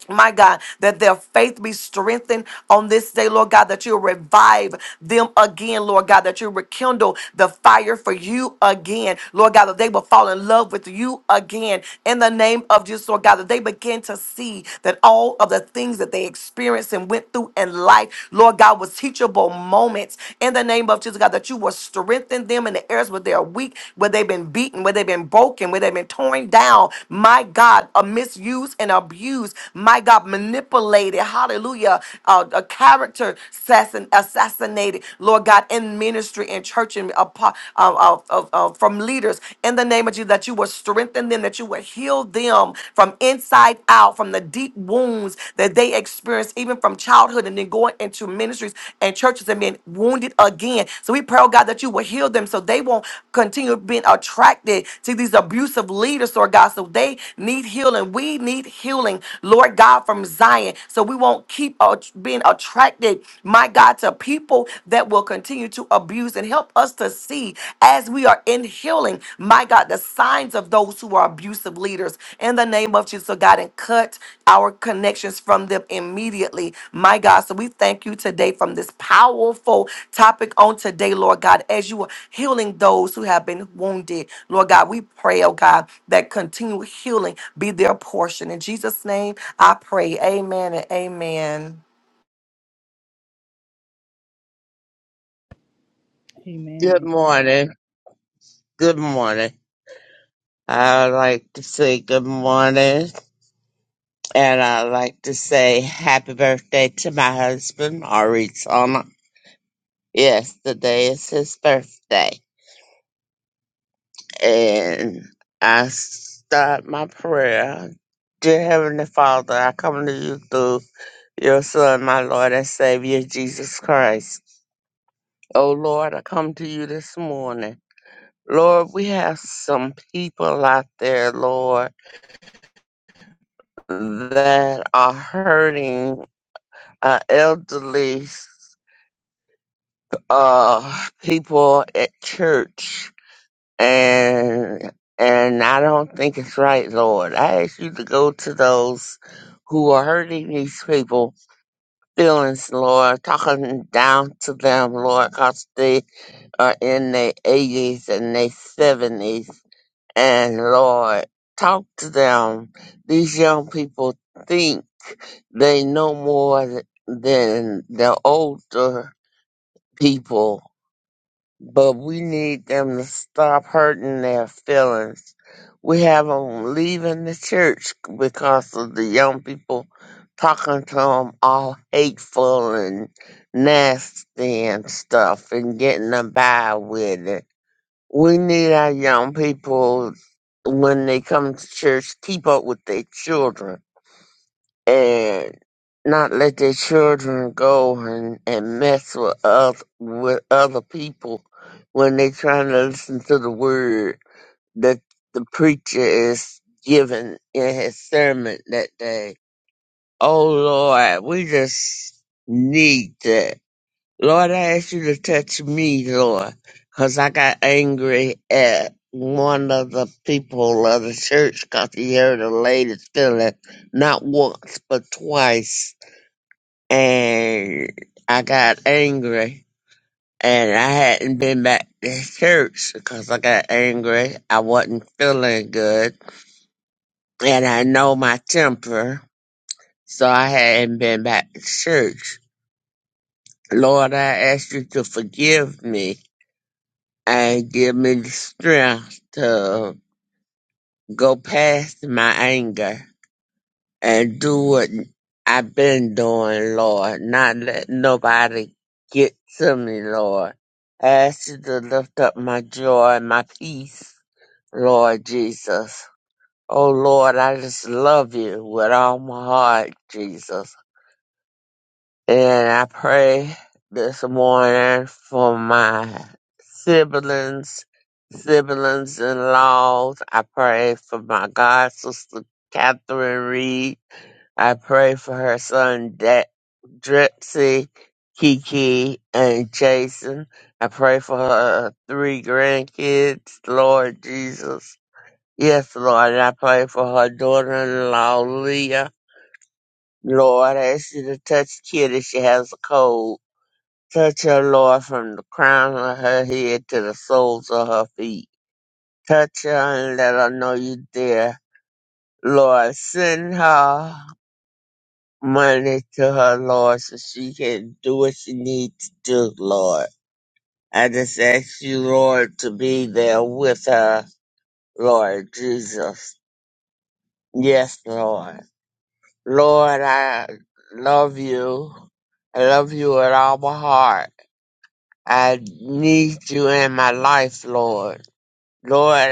my God, that their faith be strengthened on this day, Lord God, that you'll revive them again, Lord God, that you rekindle the fire for you again, Lord God, that they will fall in love with you again in the name of Jesus, Lord God, that they begin to see that all of the things that they experienced and went through in life, Lord God, was teachable moments in the name of Jesus, God, that you will strengthen them in the areas where they're weak, where they've been beaten, where they've been broken, where they've been torn down. My God, uh, misused and abused. My God, manipulated. Hallelujah. Uh, a character assassin, assassinated. Lord God, in ministry and church and apo- uh, uh, uh, uh, from leaders. In the name of Jesus, that you will strengthen them, that you will heal them from inside out, from the deep wounds that they they experience even from childhood and then going into ministries and churches and being wounded again. So we pray, oh God, that you will heal them so they won't continue being attracted to these abusive leaders, Lord God. So they need healing. We need healing, Lord God, from Zion. So we won't keep uh, being attracted, my God, to people that will continue to abuse and help us to see as we are in healing healing, my God, the signs of those who are abusive leaders in the name of Jesus, oh God, and cut our connections from them immediately, my God. So we thank you today from this powerful topic on today, Lord God, as you are healing those who have been wounded, Lord God. We pray, oh God, that continual healing be their portion. In Jesus' name, I pray. Amen and amen. Amen. Good morning. Good morning. I would like to say good morning and I'd like to say happy birthday to my husband, Arizona. Yes, today is his birthday. And I start my prayer. Dear Heavenly Father, I come to you through your Son, my Lord and Savior, Jesus Christ. Oh Lord, I come to you this morning. Lord, we have some people out there, Lord. that are hurting uh, elderly uh, people at church, and and I don't think it's right, Lord. I ask you to go to those who are hurting these people feelings, Lord, talking down to them, Lord, 'cause they are in their eighties and their seventies And Lord, talk to them. These young people think they know more th- than the older people, but we need them to stop hurting their feelings. We have them leaving the church because of the young people talking to them all hateful and nasty and stuff and getting them by with it. We need our young people when they come to church keep up with their children and not let their children go and, and mess with other with other people when they trying to listen to the word that the preacher is giving in his sermon that day. Oh Lord, we just need that Lord, I ask you to touch me, Lord, because I got angry at one of the people of the church because he hurt a lady's feeling not once but twice. And I got angry. And I hadn't been back to church because I got angry. I wasn't feeling good. And I know my temper. So I hadn't been back to church. Lord, I ask you to forgive me and give me the strength to go past my anger and do what I've been doing, Lord. Not let nobody get to me, Lord. I ask you to lift up my joy and my peace, Lord Jesus. Oh Lord, I just love you with all my heart, Jesus. And I pray this morning for my siblings, siblings in laws. I pray for my god sister Catherine Reed. I pray for her son De- Dripsy, Kiki, and Jason. I pray for her three grandkids, Lord Jesus. Yes, Lord, and I pray for her daughter in law, Leah. Lord, I ask you to touch Kitty. She has a cold. Touch her, Lord, from the crown of her head to the soles of her feet. Touch her and let her know you're there. Lord, send her money to her, Lord, so she can do what she needs to do, Lord. I just ask you, Lord, to be there with her, Lord Jesus. Yes, Lord. Lord, I love you. I love you with all my heart. I need you in my life, Lord. Lord, I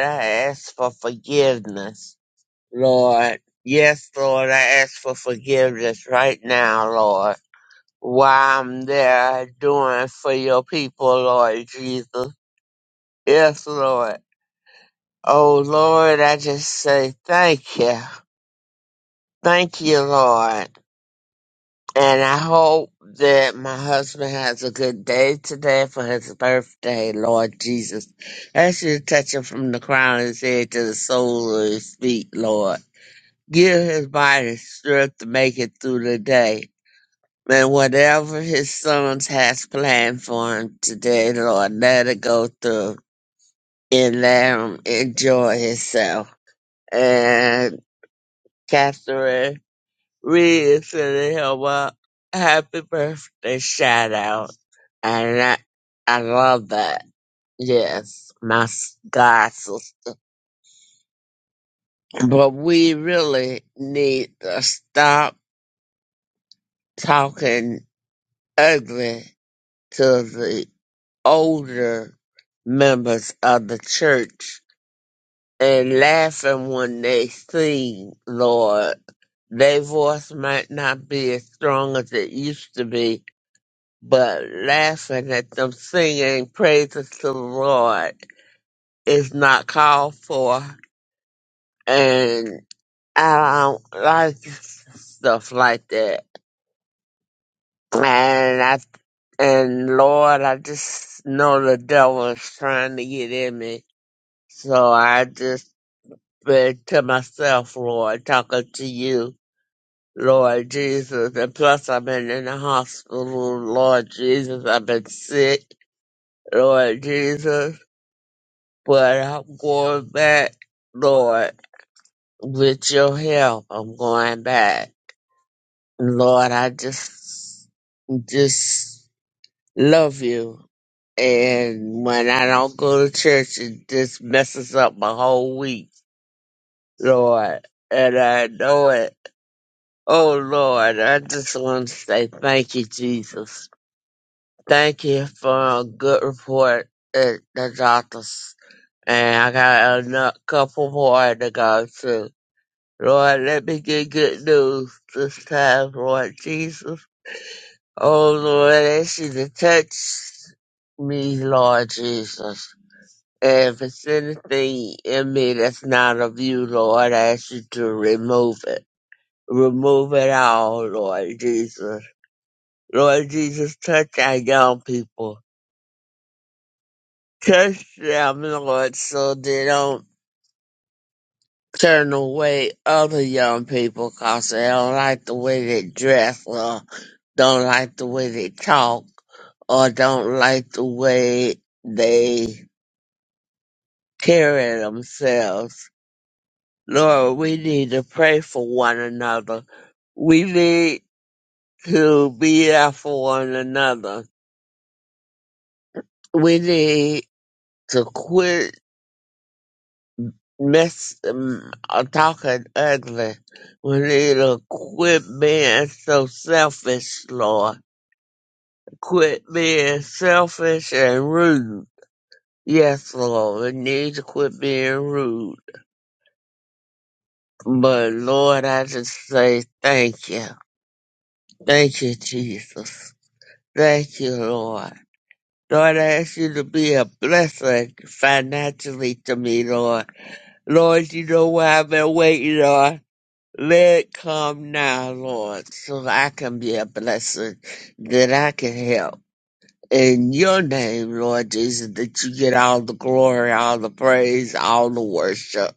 ask for forgiveness, Lord. Yes, Lord, I ask for forgiveness right now, Lord. While I'm there doing for your people, Lord Jesus. Yes, Lord. Oh, Lord, I just say thank you. Thank you, Lord. And I hope that my husband has a good day today for his birthday, Lord Jesus. Ask you to touch him from the crown of his head to the sole of his feet, Lord. Give his body strength to make it through the day. And whatever his sons has planned for him today, Lord, let it go through and let him enjoy himself. And Catherine Reed sending him a happy birthday shout out. And I, I love that. Yes, my s- God sister. But we really need to stop talking ugly to the older members of the church and laughing when they sing, Lord. Their voice might not be as strong as it used to be, but laughing at them singing praises to the Lord is not called for. And I don't like stuff like that. And I and Lord, I just know the devil is trying to get in me So I just been to myself, Lord, talking to you, Lord Jesus. And plus, I've been in the hospital, Lord Jesus. I've been sick, Lord Jesus. But I'm going back, Lord, with your help. I'm going back. Lord, I just, just love you. And when I don't go to church, it just messes up my whole week, Lord. And I know it Oh Lord, I just want to say thank you, Jesus. Thank you for a good report at the doctor's. And I got a nu- couple more to go to. Lord, let me get good news this time, Lord Jesus. Oh Lord, ask you to touch me, Lord Jesus. And if it's anything in me that's not of you, Lord, I ask you to remove it. Remove it all, Lord Jesus Lord Jesus, touch our young people. Touch them, Lord, so they don't turn away other young people because they don't like the way they dress or don't like the way they talk or don't like the way they carry themselves. Lord, we need to pray for one another. We need to be there for one another. We need to quit Miss um, uh, talking ugly. We need to quit being so selfish, Lord. Quit being selfish and rude. Yes, Lord, we need to quit being rude. But Lord, I just say thank you. Thank you, Jesus. Thank you, Lord. Lord, I ask you to be a blessing financially to me, Lord. Lord, you know why I've been waiting, Lord. Let it come now, Lord, so that I can be a blessing, that I can help. In your name, Lord Jesus, that you get all the glory, all the praise, all the worship.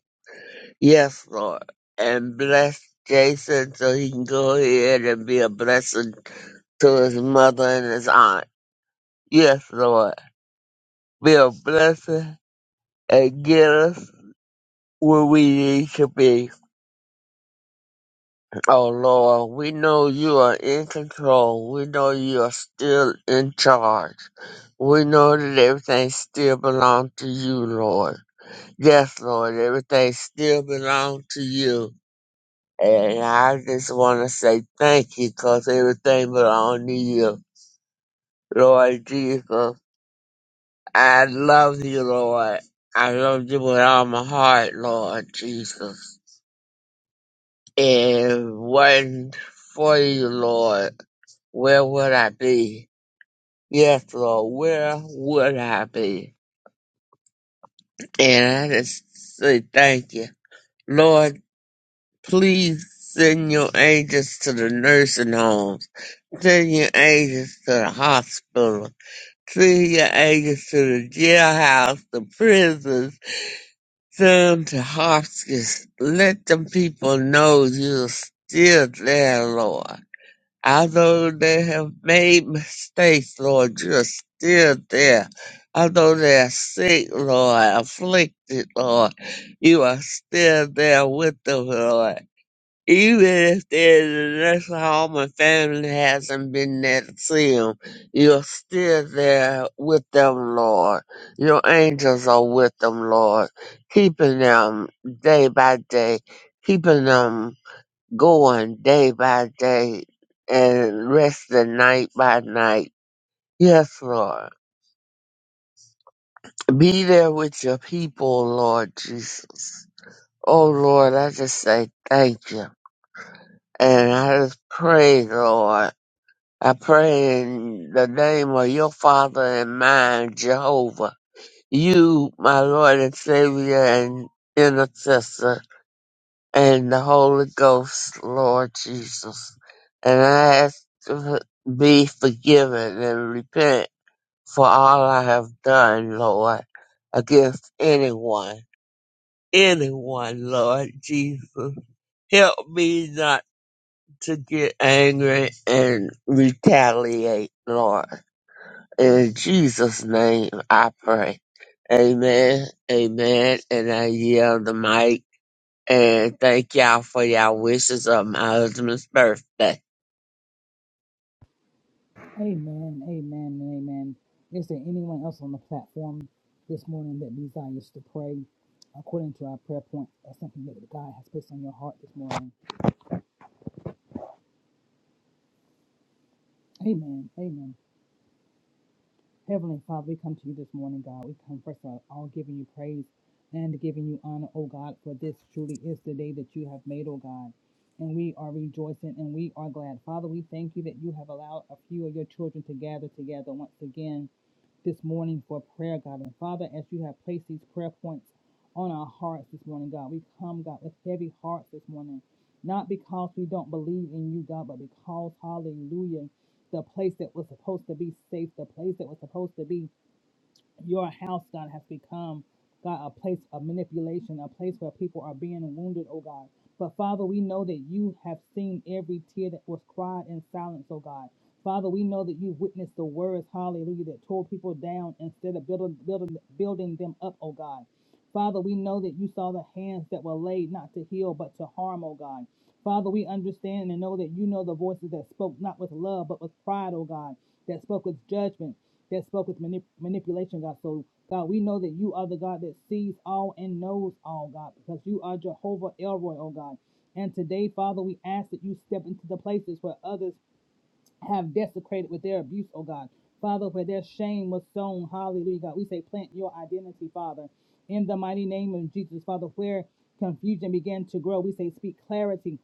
Yes, Lord. And bless Jason so he can go ahead and be a blessing to his mother and his aunt. Yes, Lord. Be a blessing and get us where we need to be. Oh Lord, we know you are in control. We know you are still in charge. We know that everything still belongs to you, Lord. Yes, Lord, everything still belongs to you. And I just want to say thank you because everything belongs to you, Lord Jesus. I love you, Lord. I love you with all my heart, Lord Jesus. And wasn't for you, Lord, where would I be? Yes, Lord, where would I be? And I just say thank you. Lord, please send your angels to the nursing homes. Send your angels to the hospital. Send your angels to the jailhouse, the prisons. Send them to hospice. Let them people know you're still there, Lord. I know they have made mistakes, Lord. You're still there. I know they're sick, Lord, afflicted, Lord. You are still there with them, Lord. Even if they're in the nursing home and family hasn't been there to see them, you're still there with them, Lord. Your angels are with them, Lord, keeping them day by day, keeping them going day by day and resting night by night. Yes, Lord. Be there with your people, Lord Jesus. Oh, Lord, I just say thank you. And I just pray, Lord. I pray in the name of your Father and mine, Jehovah. You, my Lord and Savior and intercessor. and the Holy Ghost, Lord Jesus. And I ask to be forgiven and repent for all I have done, Lord, against anyone, anyone, Lord Jesus. Help me not to get angry and retaliate, Lord. In Jesus' name I pray. Amen, amen, and I yield the mic and thank y'all for y'all wishes on my husband's birthday. Amen, amen, and amen. Is there anyone else on the platform this morning that desires to pray according to our prayer point or something that God has placed on your heart this morning? Amen, amen. Heavenly Father, we come to you this morning, God. We come first of all giving you praise and giving you honor, oh God, for this truly is the day that you have made, oh God. And we are rejoicing and we are glad. Father, we thank you that you have allowed a few of your children to gather together once again this morning for prayer, God. And Father, as you have placed these prayer points on our hearts this morning, God, we come, God, with heavy hearts this morning. Not because we don't believe in you, God, but because, hallelujah, the place that was supposed to be safe, the place that was supposed to be your house, God, has become, God, a place of manipulation, a place where people are being wounded, oh God. But Father, we know that you have seen every tear that was cried in silence, oh God. Father, we know that you've witnessed the words, hallelujah, that tore people down instead of building, building, building them up, oh God. Father, we know that you saw the hands that were laid not to heal but to harm, oh God. Father, we understand and know that you know the voices that spoke not with love but with pride, oh God, that spoke with judgment, that spoke with manip- manipulation, God. So, God, we know that you are the God that sees all and knows all, God, because you are Jehovah Elroy, oh God. And today, Father, we ask that you step into the places where others have desecrated with their abuse, oh God. Father, where their shame was sown, hallelujah, God. We say, plant your identity, Father, in the mighty name of Jesus, Father, where confusion began to grow. We say, speak clarity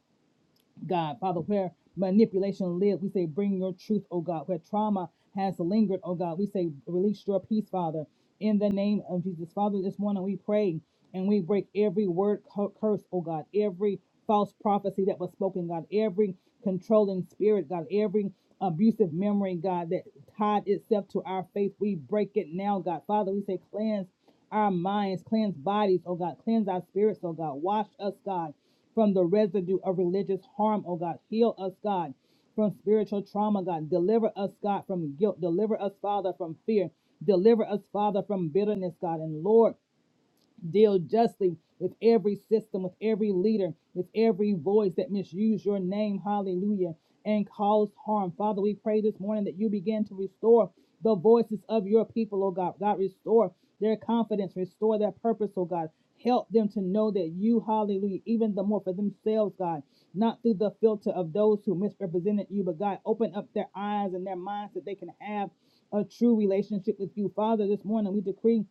God. Father, where manipulation lives, we say, bring your truth, oh God. Where trauma has lingered, oh God, we say, release your peace, Father, in the name of Jesus. Father, this morning we pray and we break every word cu- curse, oh God, every false prophecy that was spoken, God, every controlling spirit, God, every abusive memory, God, that tied itself to our faith. We break it now, God. Father, we say, cleanse our minds, cleanse bodies, oh God, cleanse our spirits, oh God, wash us, God from the residue of religious harm, oh God. Heal us, God, from spiritual trauma, God. Deliver us, God, from guilt. Deliver us, Father, from fear. Deliver us, Father, from bitterness, God. And Lord, deal justly with every system, with every leader, with every voice that misuse your name, hallelujah, and cause harm. Father, we pray this morning that you begin to restore the voices of your people, oh God. God, restore their confidence, restore their purpose, oh God. Help them to know that you, hallelujah, even the more for themselves, God, not through the filter of those who misrepresented you, but God, open up their eyes and their minds that they can have a true relationship with you. Father, this morning we decree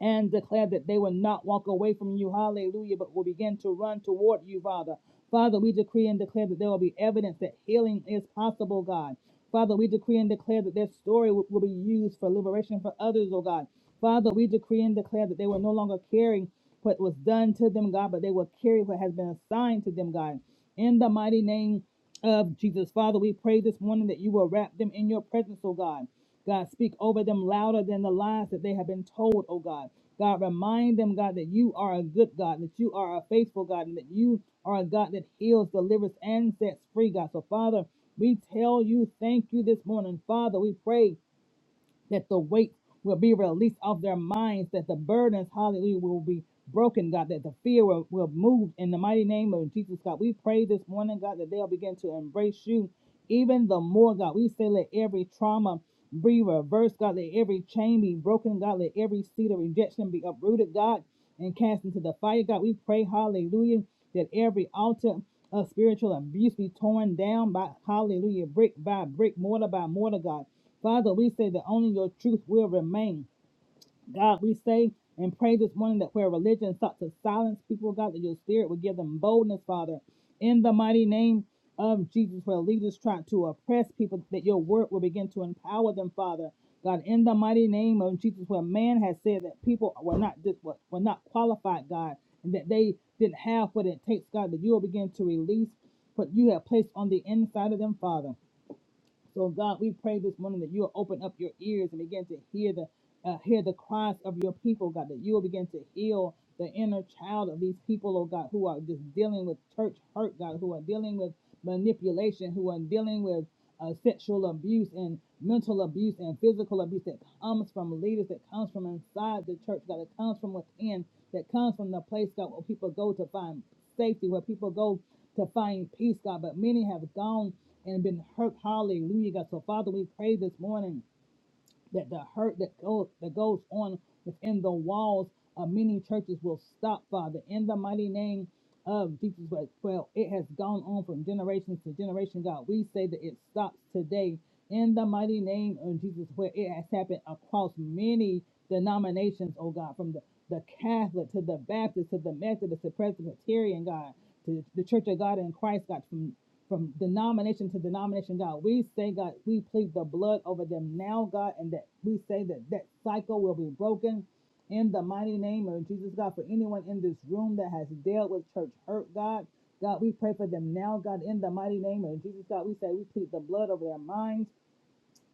and declare that they will not walk away from you, hallelujah, but will begin to run toward you, Father. Father, we decree and declare that there will be evidence that healing is possible, God. Father, we decree and declare that their story will, will be used for liberation for others, oh God. Father, we decree and declare that they will no longer carry what was done to them, God, but they will carry what has been assigned to them, God. In the mighty name of Jesus. Father, we pray this morning that you will wrap them in your presence, oh God. God, speak over them louder than the lies that they have been told, oh God. God, remind them, God, that you are a good God, that you are a faithful God, and that you are a God that heals, delivers, and sets free, God. So, Father, we tell you thank you this morning. Father, we pray that the weight will be released off their minds, that the burdens, hallelujah, will be broken, God, that the fear will, will move in the mighty name of Jesus, God. We pray this morning, God, that they'll begin to embrace you even the more, God. We say, let every trauma be reversed, God. Let every chain be broken, God. Let every seed of rejection be uprooted, God, and cast into the fire, God. We pray, hallelujah, that every altar of spiritual abuse be torn down by, hallelujah, brick by brick, mortar by mortar, God. Father, we say that only your truth will remain. God, we say and pray this morning that where religion sought to silence people, God, that your spirit would give them boldness, Father. In the mighty name of Jesus, where leaders try to oppress people, that your word will begin to empower them, Father. God, in the mighty name of Jesus, where man has said that people were not dis- were were not qualified, God, and that they didn't have what it takes, God, that you will begin to release what you have placed on the inside of them, Father. So God, we pray this morning that you'll open up your ears and begin to hear the uh, hear the cries of your people, God, that you'll begin to heal the inner child of these people, oh God, who are just dealing with church hurt, God, who are dealing with manipulation, who are dealing with uh, sexual abuse and mental abuse and physical abuse that comes from leaders, that comes from inside the church, God, that comes from within, that comes from the place, God, where people go to find safety, where people go to find peace, God. But many have gone and been hurt. Hallelujah, God. So, Father, we pray this morning that the hurt that goes that goes on within the walls of many churches will stop, Father, in the mighty name of Jesus. But well, it has gone on from generation to generation, God. We say that it stops today in the mighty name of Jesus, where it has happened across many denominations, oh God, from the, the Catholic to the Baptist to the Methodist to Presbyterian, God, to the Church of God in Christ, God, from from denomination to denomination, God. We say, God, we plead the blood over them now, God, and that we say that that cycle will be broken in the mighty name of Jesus, God. For anyone in this room that has dealt with church hurt, God, God, we pray for them now, God, in the mighty name of Jesus, God. We say we plead the blood over their minds.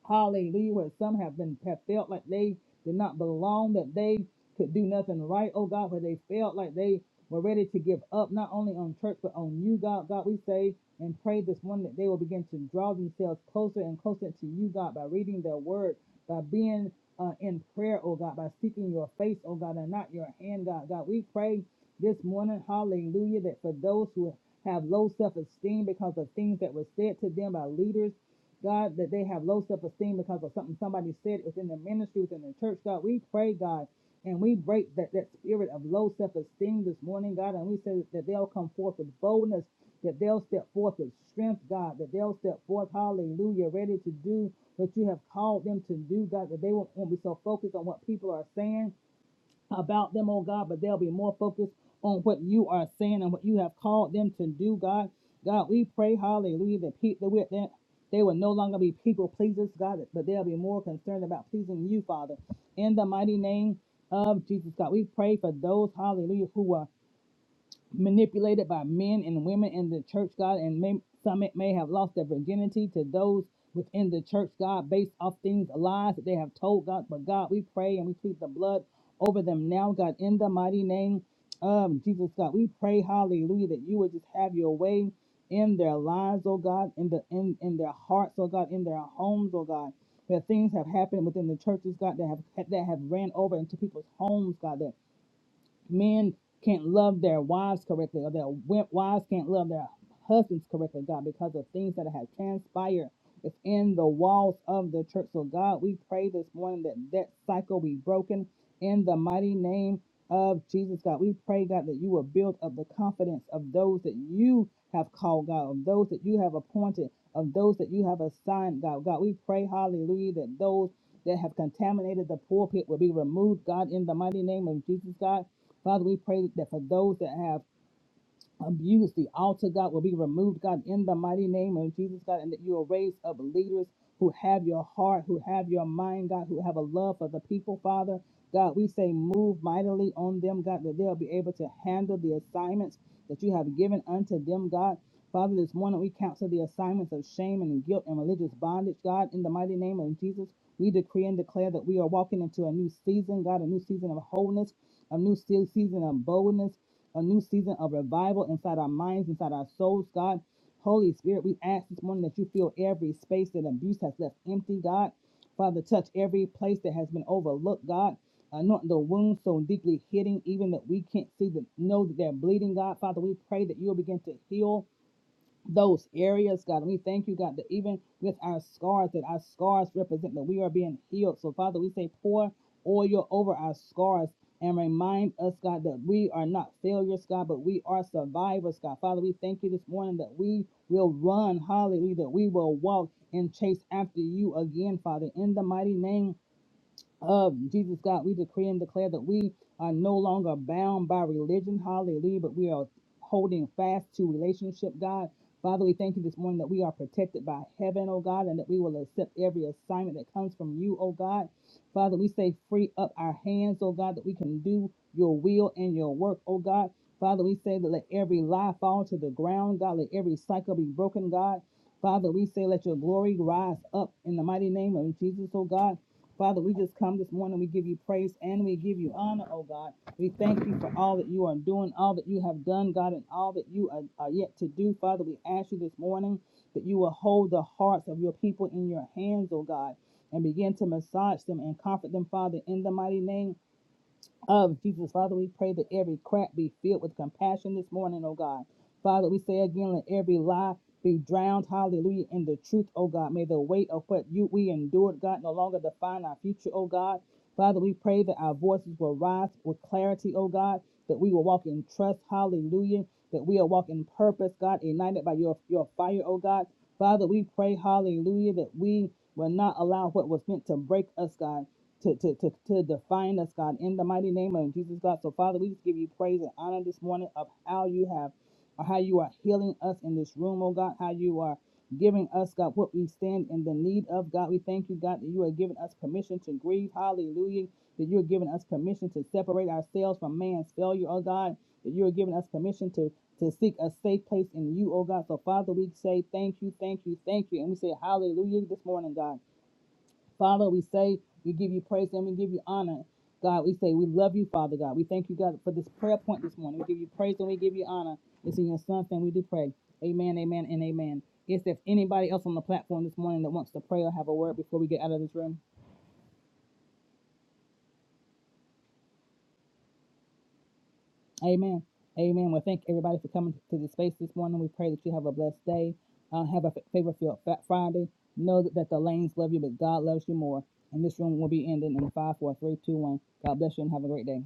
Hallelujah. Where some have been have felt like they did not belong, that they could do nothing right, oh God, where they felt like they were ready to give up, not only on church, but on you, God. God, we say and pray this morning that they will begin to draw themselves closer and closer to you, God, by reading their word, by being uh, in prayer, oh God, by seeking your face, oh God, and not your hand, God. God, we pray this morning, hallelujah, that for those who have low self esteem because of things that were said to them by leaders, God, that they have low self esteem because of something somebody said within their ministry, within their church. God, we pray, God, and we break that, that spirit of low self esteem this morning, God, and we say that they'll come forth with boldness, that they'll step forth with strength, God, that they'll step forth, hallelujah, ready to do what you have called them to do, God, that they won't, won't be so focused on what people are saying about them, oh God, but they'll be more focused on what you are saying and what you have called them to do, God. God, we pray, hallelujah, that, pe- that, that they will no longer be people pleasers, God, but they'll be more concerned about pleasing you, Father. In the mighty name of Jesus, God, we pray for those, hallelujah, who are manipulated by men and women in the church, God, and may, some may may have lost their virginity to those within the church, God, based off things, lies that they have told, God. But God, we pray and we plead the blood over them now, God, in the mighty name of Jesus, God. We pray, hallelujah, that you would just have your way in their lives, oh God, in the in, in their hearts, oh God, in their homes, oh God. That things have happened within the churches, God, that have that have ran over into people's homes, God, that men can't love their wives correctly or their wives can't love their husbands correctly, God, because of things that have transpired within the walls of the church. So, God, we pray this morning that that cycle be broken in the mighty name of Jesus, God. We pray, God, that you will build up the confidence of those that you have called, God, of those that you have appointed, of those that you have assigned, God. God, we pray, hallelujah, that those that have contaminated the pulpit will be removed, God, in the mighty name of Jesus, God. Father, we pray that for those that have abuse, the altar, God, will be removed, God, in the mighty name of Jesus, God, and that you will raise up leaders who have your heart, who have your mind, God, who have a love for the people, Father. God, we say move mightily on them, God, that they'll be able to handle the assignments that you have given unto them, God. Father, this morning we counsel the assignments of shame and guilt and religious bondage, God, in the mighty name of Jesus. We decree and declare that we are walking into a new season, God, a new season of wholeness, a new se- season of boldness, a new season of revival inside our minds, inside our souls, God. Holy Spirit, we ask this morning that you fill every space that abuse has left empty, God. Father, touch every place that has been overlooked, God. Anoint the wounds so deeply hidden, even that we can't see them, know that they're bleeding, God. Father, we pray that you'll begin to heal those areas, God. We thank you, God, that even with our scars, that our scars represent that we are being healed. So, Father, we say, pour oil over our scars and remind us, God, that we are not failures, God, but we are survivors, God. Father, we thank you this morning that we will run, hallelujah, that we will walk and chase after you again, Father, in the mighty name of Jesus, God, we decree and declare that we are no longer bound by religion, hallelujah, but we are holding fast to relationship, God. Father, we thank you this morning that we are protected by heaven, oh God, and that we will accept every assignment that comes from you, oh God. Father, we say free up our hands, oh God, that we can do your will and your work, oh God. Father, we say that let every lie fall to the ground, God, let every cycle be broken, God. Father, we say let your glory rise up in the mighty name of Jesus, oh God. Father, we just come this morning. We give you praise and we give you honor, oh God. We thank you for all that you are doing, all that you have done, God, and all that you are, are yet to do. Father, we ask you this morning that you will hold the hearts of your people in your hands, oh God, and begin to massage them and comfort them, Father, in the mighty name of Jesus. Father, we pray that every crack be filled with compassion this morning, oh God. Father, we say again, let every lie be drowned, hallelujah, in the truth, oh God. May the weight of what you we endured, God, no longer define our future, oh God. Father, we pray that our voices will rise with clarity, oh God, that we will walk in trust, hallelujah, that we will walk in purpose, God, ignited by your, your fire, oh God. Father, we pray, hallelujah, that we will not allow what was meant to break us, God to, to, to, to define us, God, in the mighty name of Jesus, God. So, Father, we just give you praise and honor this morning of how you have, or how you are healing us in this room, oh God, how you are giving us, God, what we stand in the need of, God. We thank you, God, that you are giving us permission to grieve. Hallelujah. That you're giving us permission to separate ourselves from man's failure, oh God. That you're giving us permission to, to seek a safe place in you, oh God. So, Father, we say thank you, thank you, thank you. And we say hallelujah this morning, God. Father, we say we give you praise and we give you honor. God, we say we love you, Father God. We thank you, God, for this prayer point this morning. We give you praise and we give you honor. It's in your son's name we do pray. Amen, amen, and amen. Is there anybody else on the platform this morning that wants to pray or have a word before we get out of this room? Amen. Amen. Well, thank everybody for coming to the space this morning. We pray that you have a blessed day. Uh, have a favor filled Friday. Know that, that the lanes love you, but God loves you more. And this room will be ending in five, four, three, two, one. God bless you and have a great day.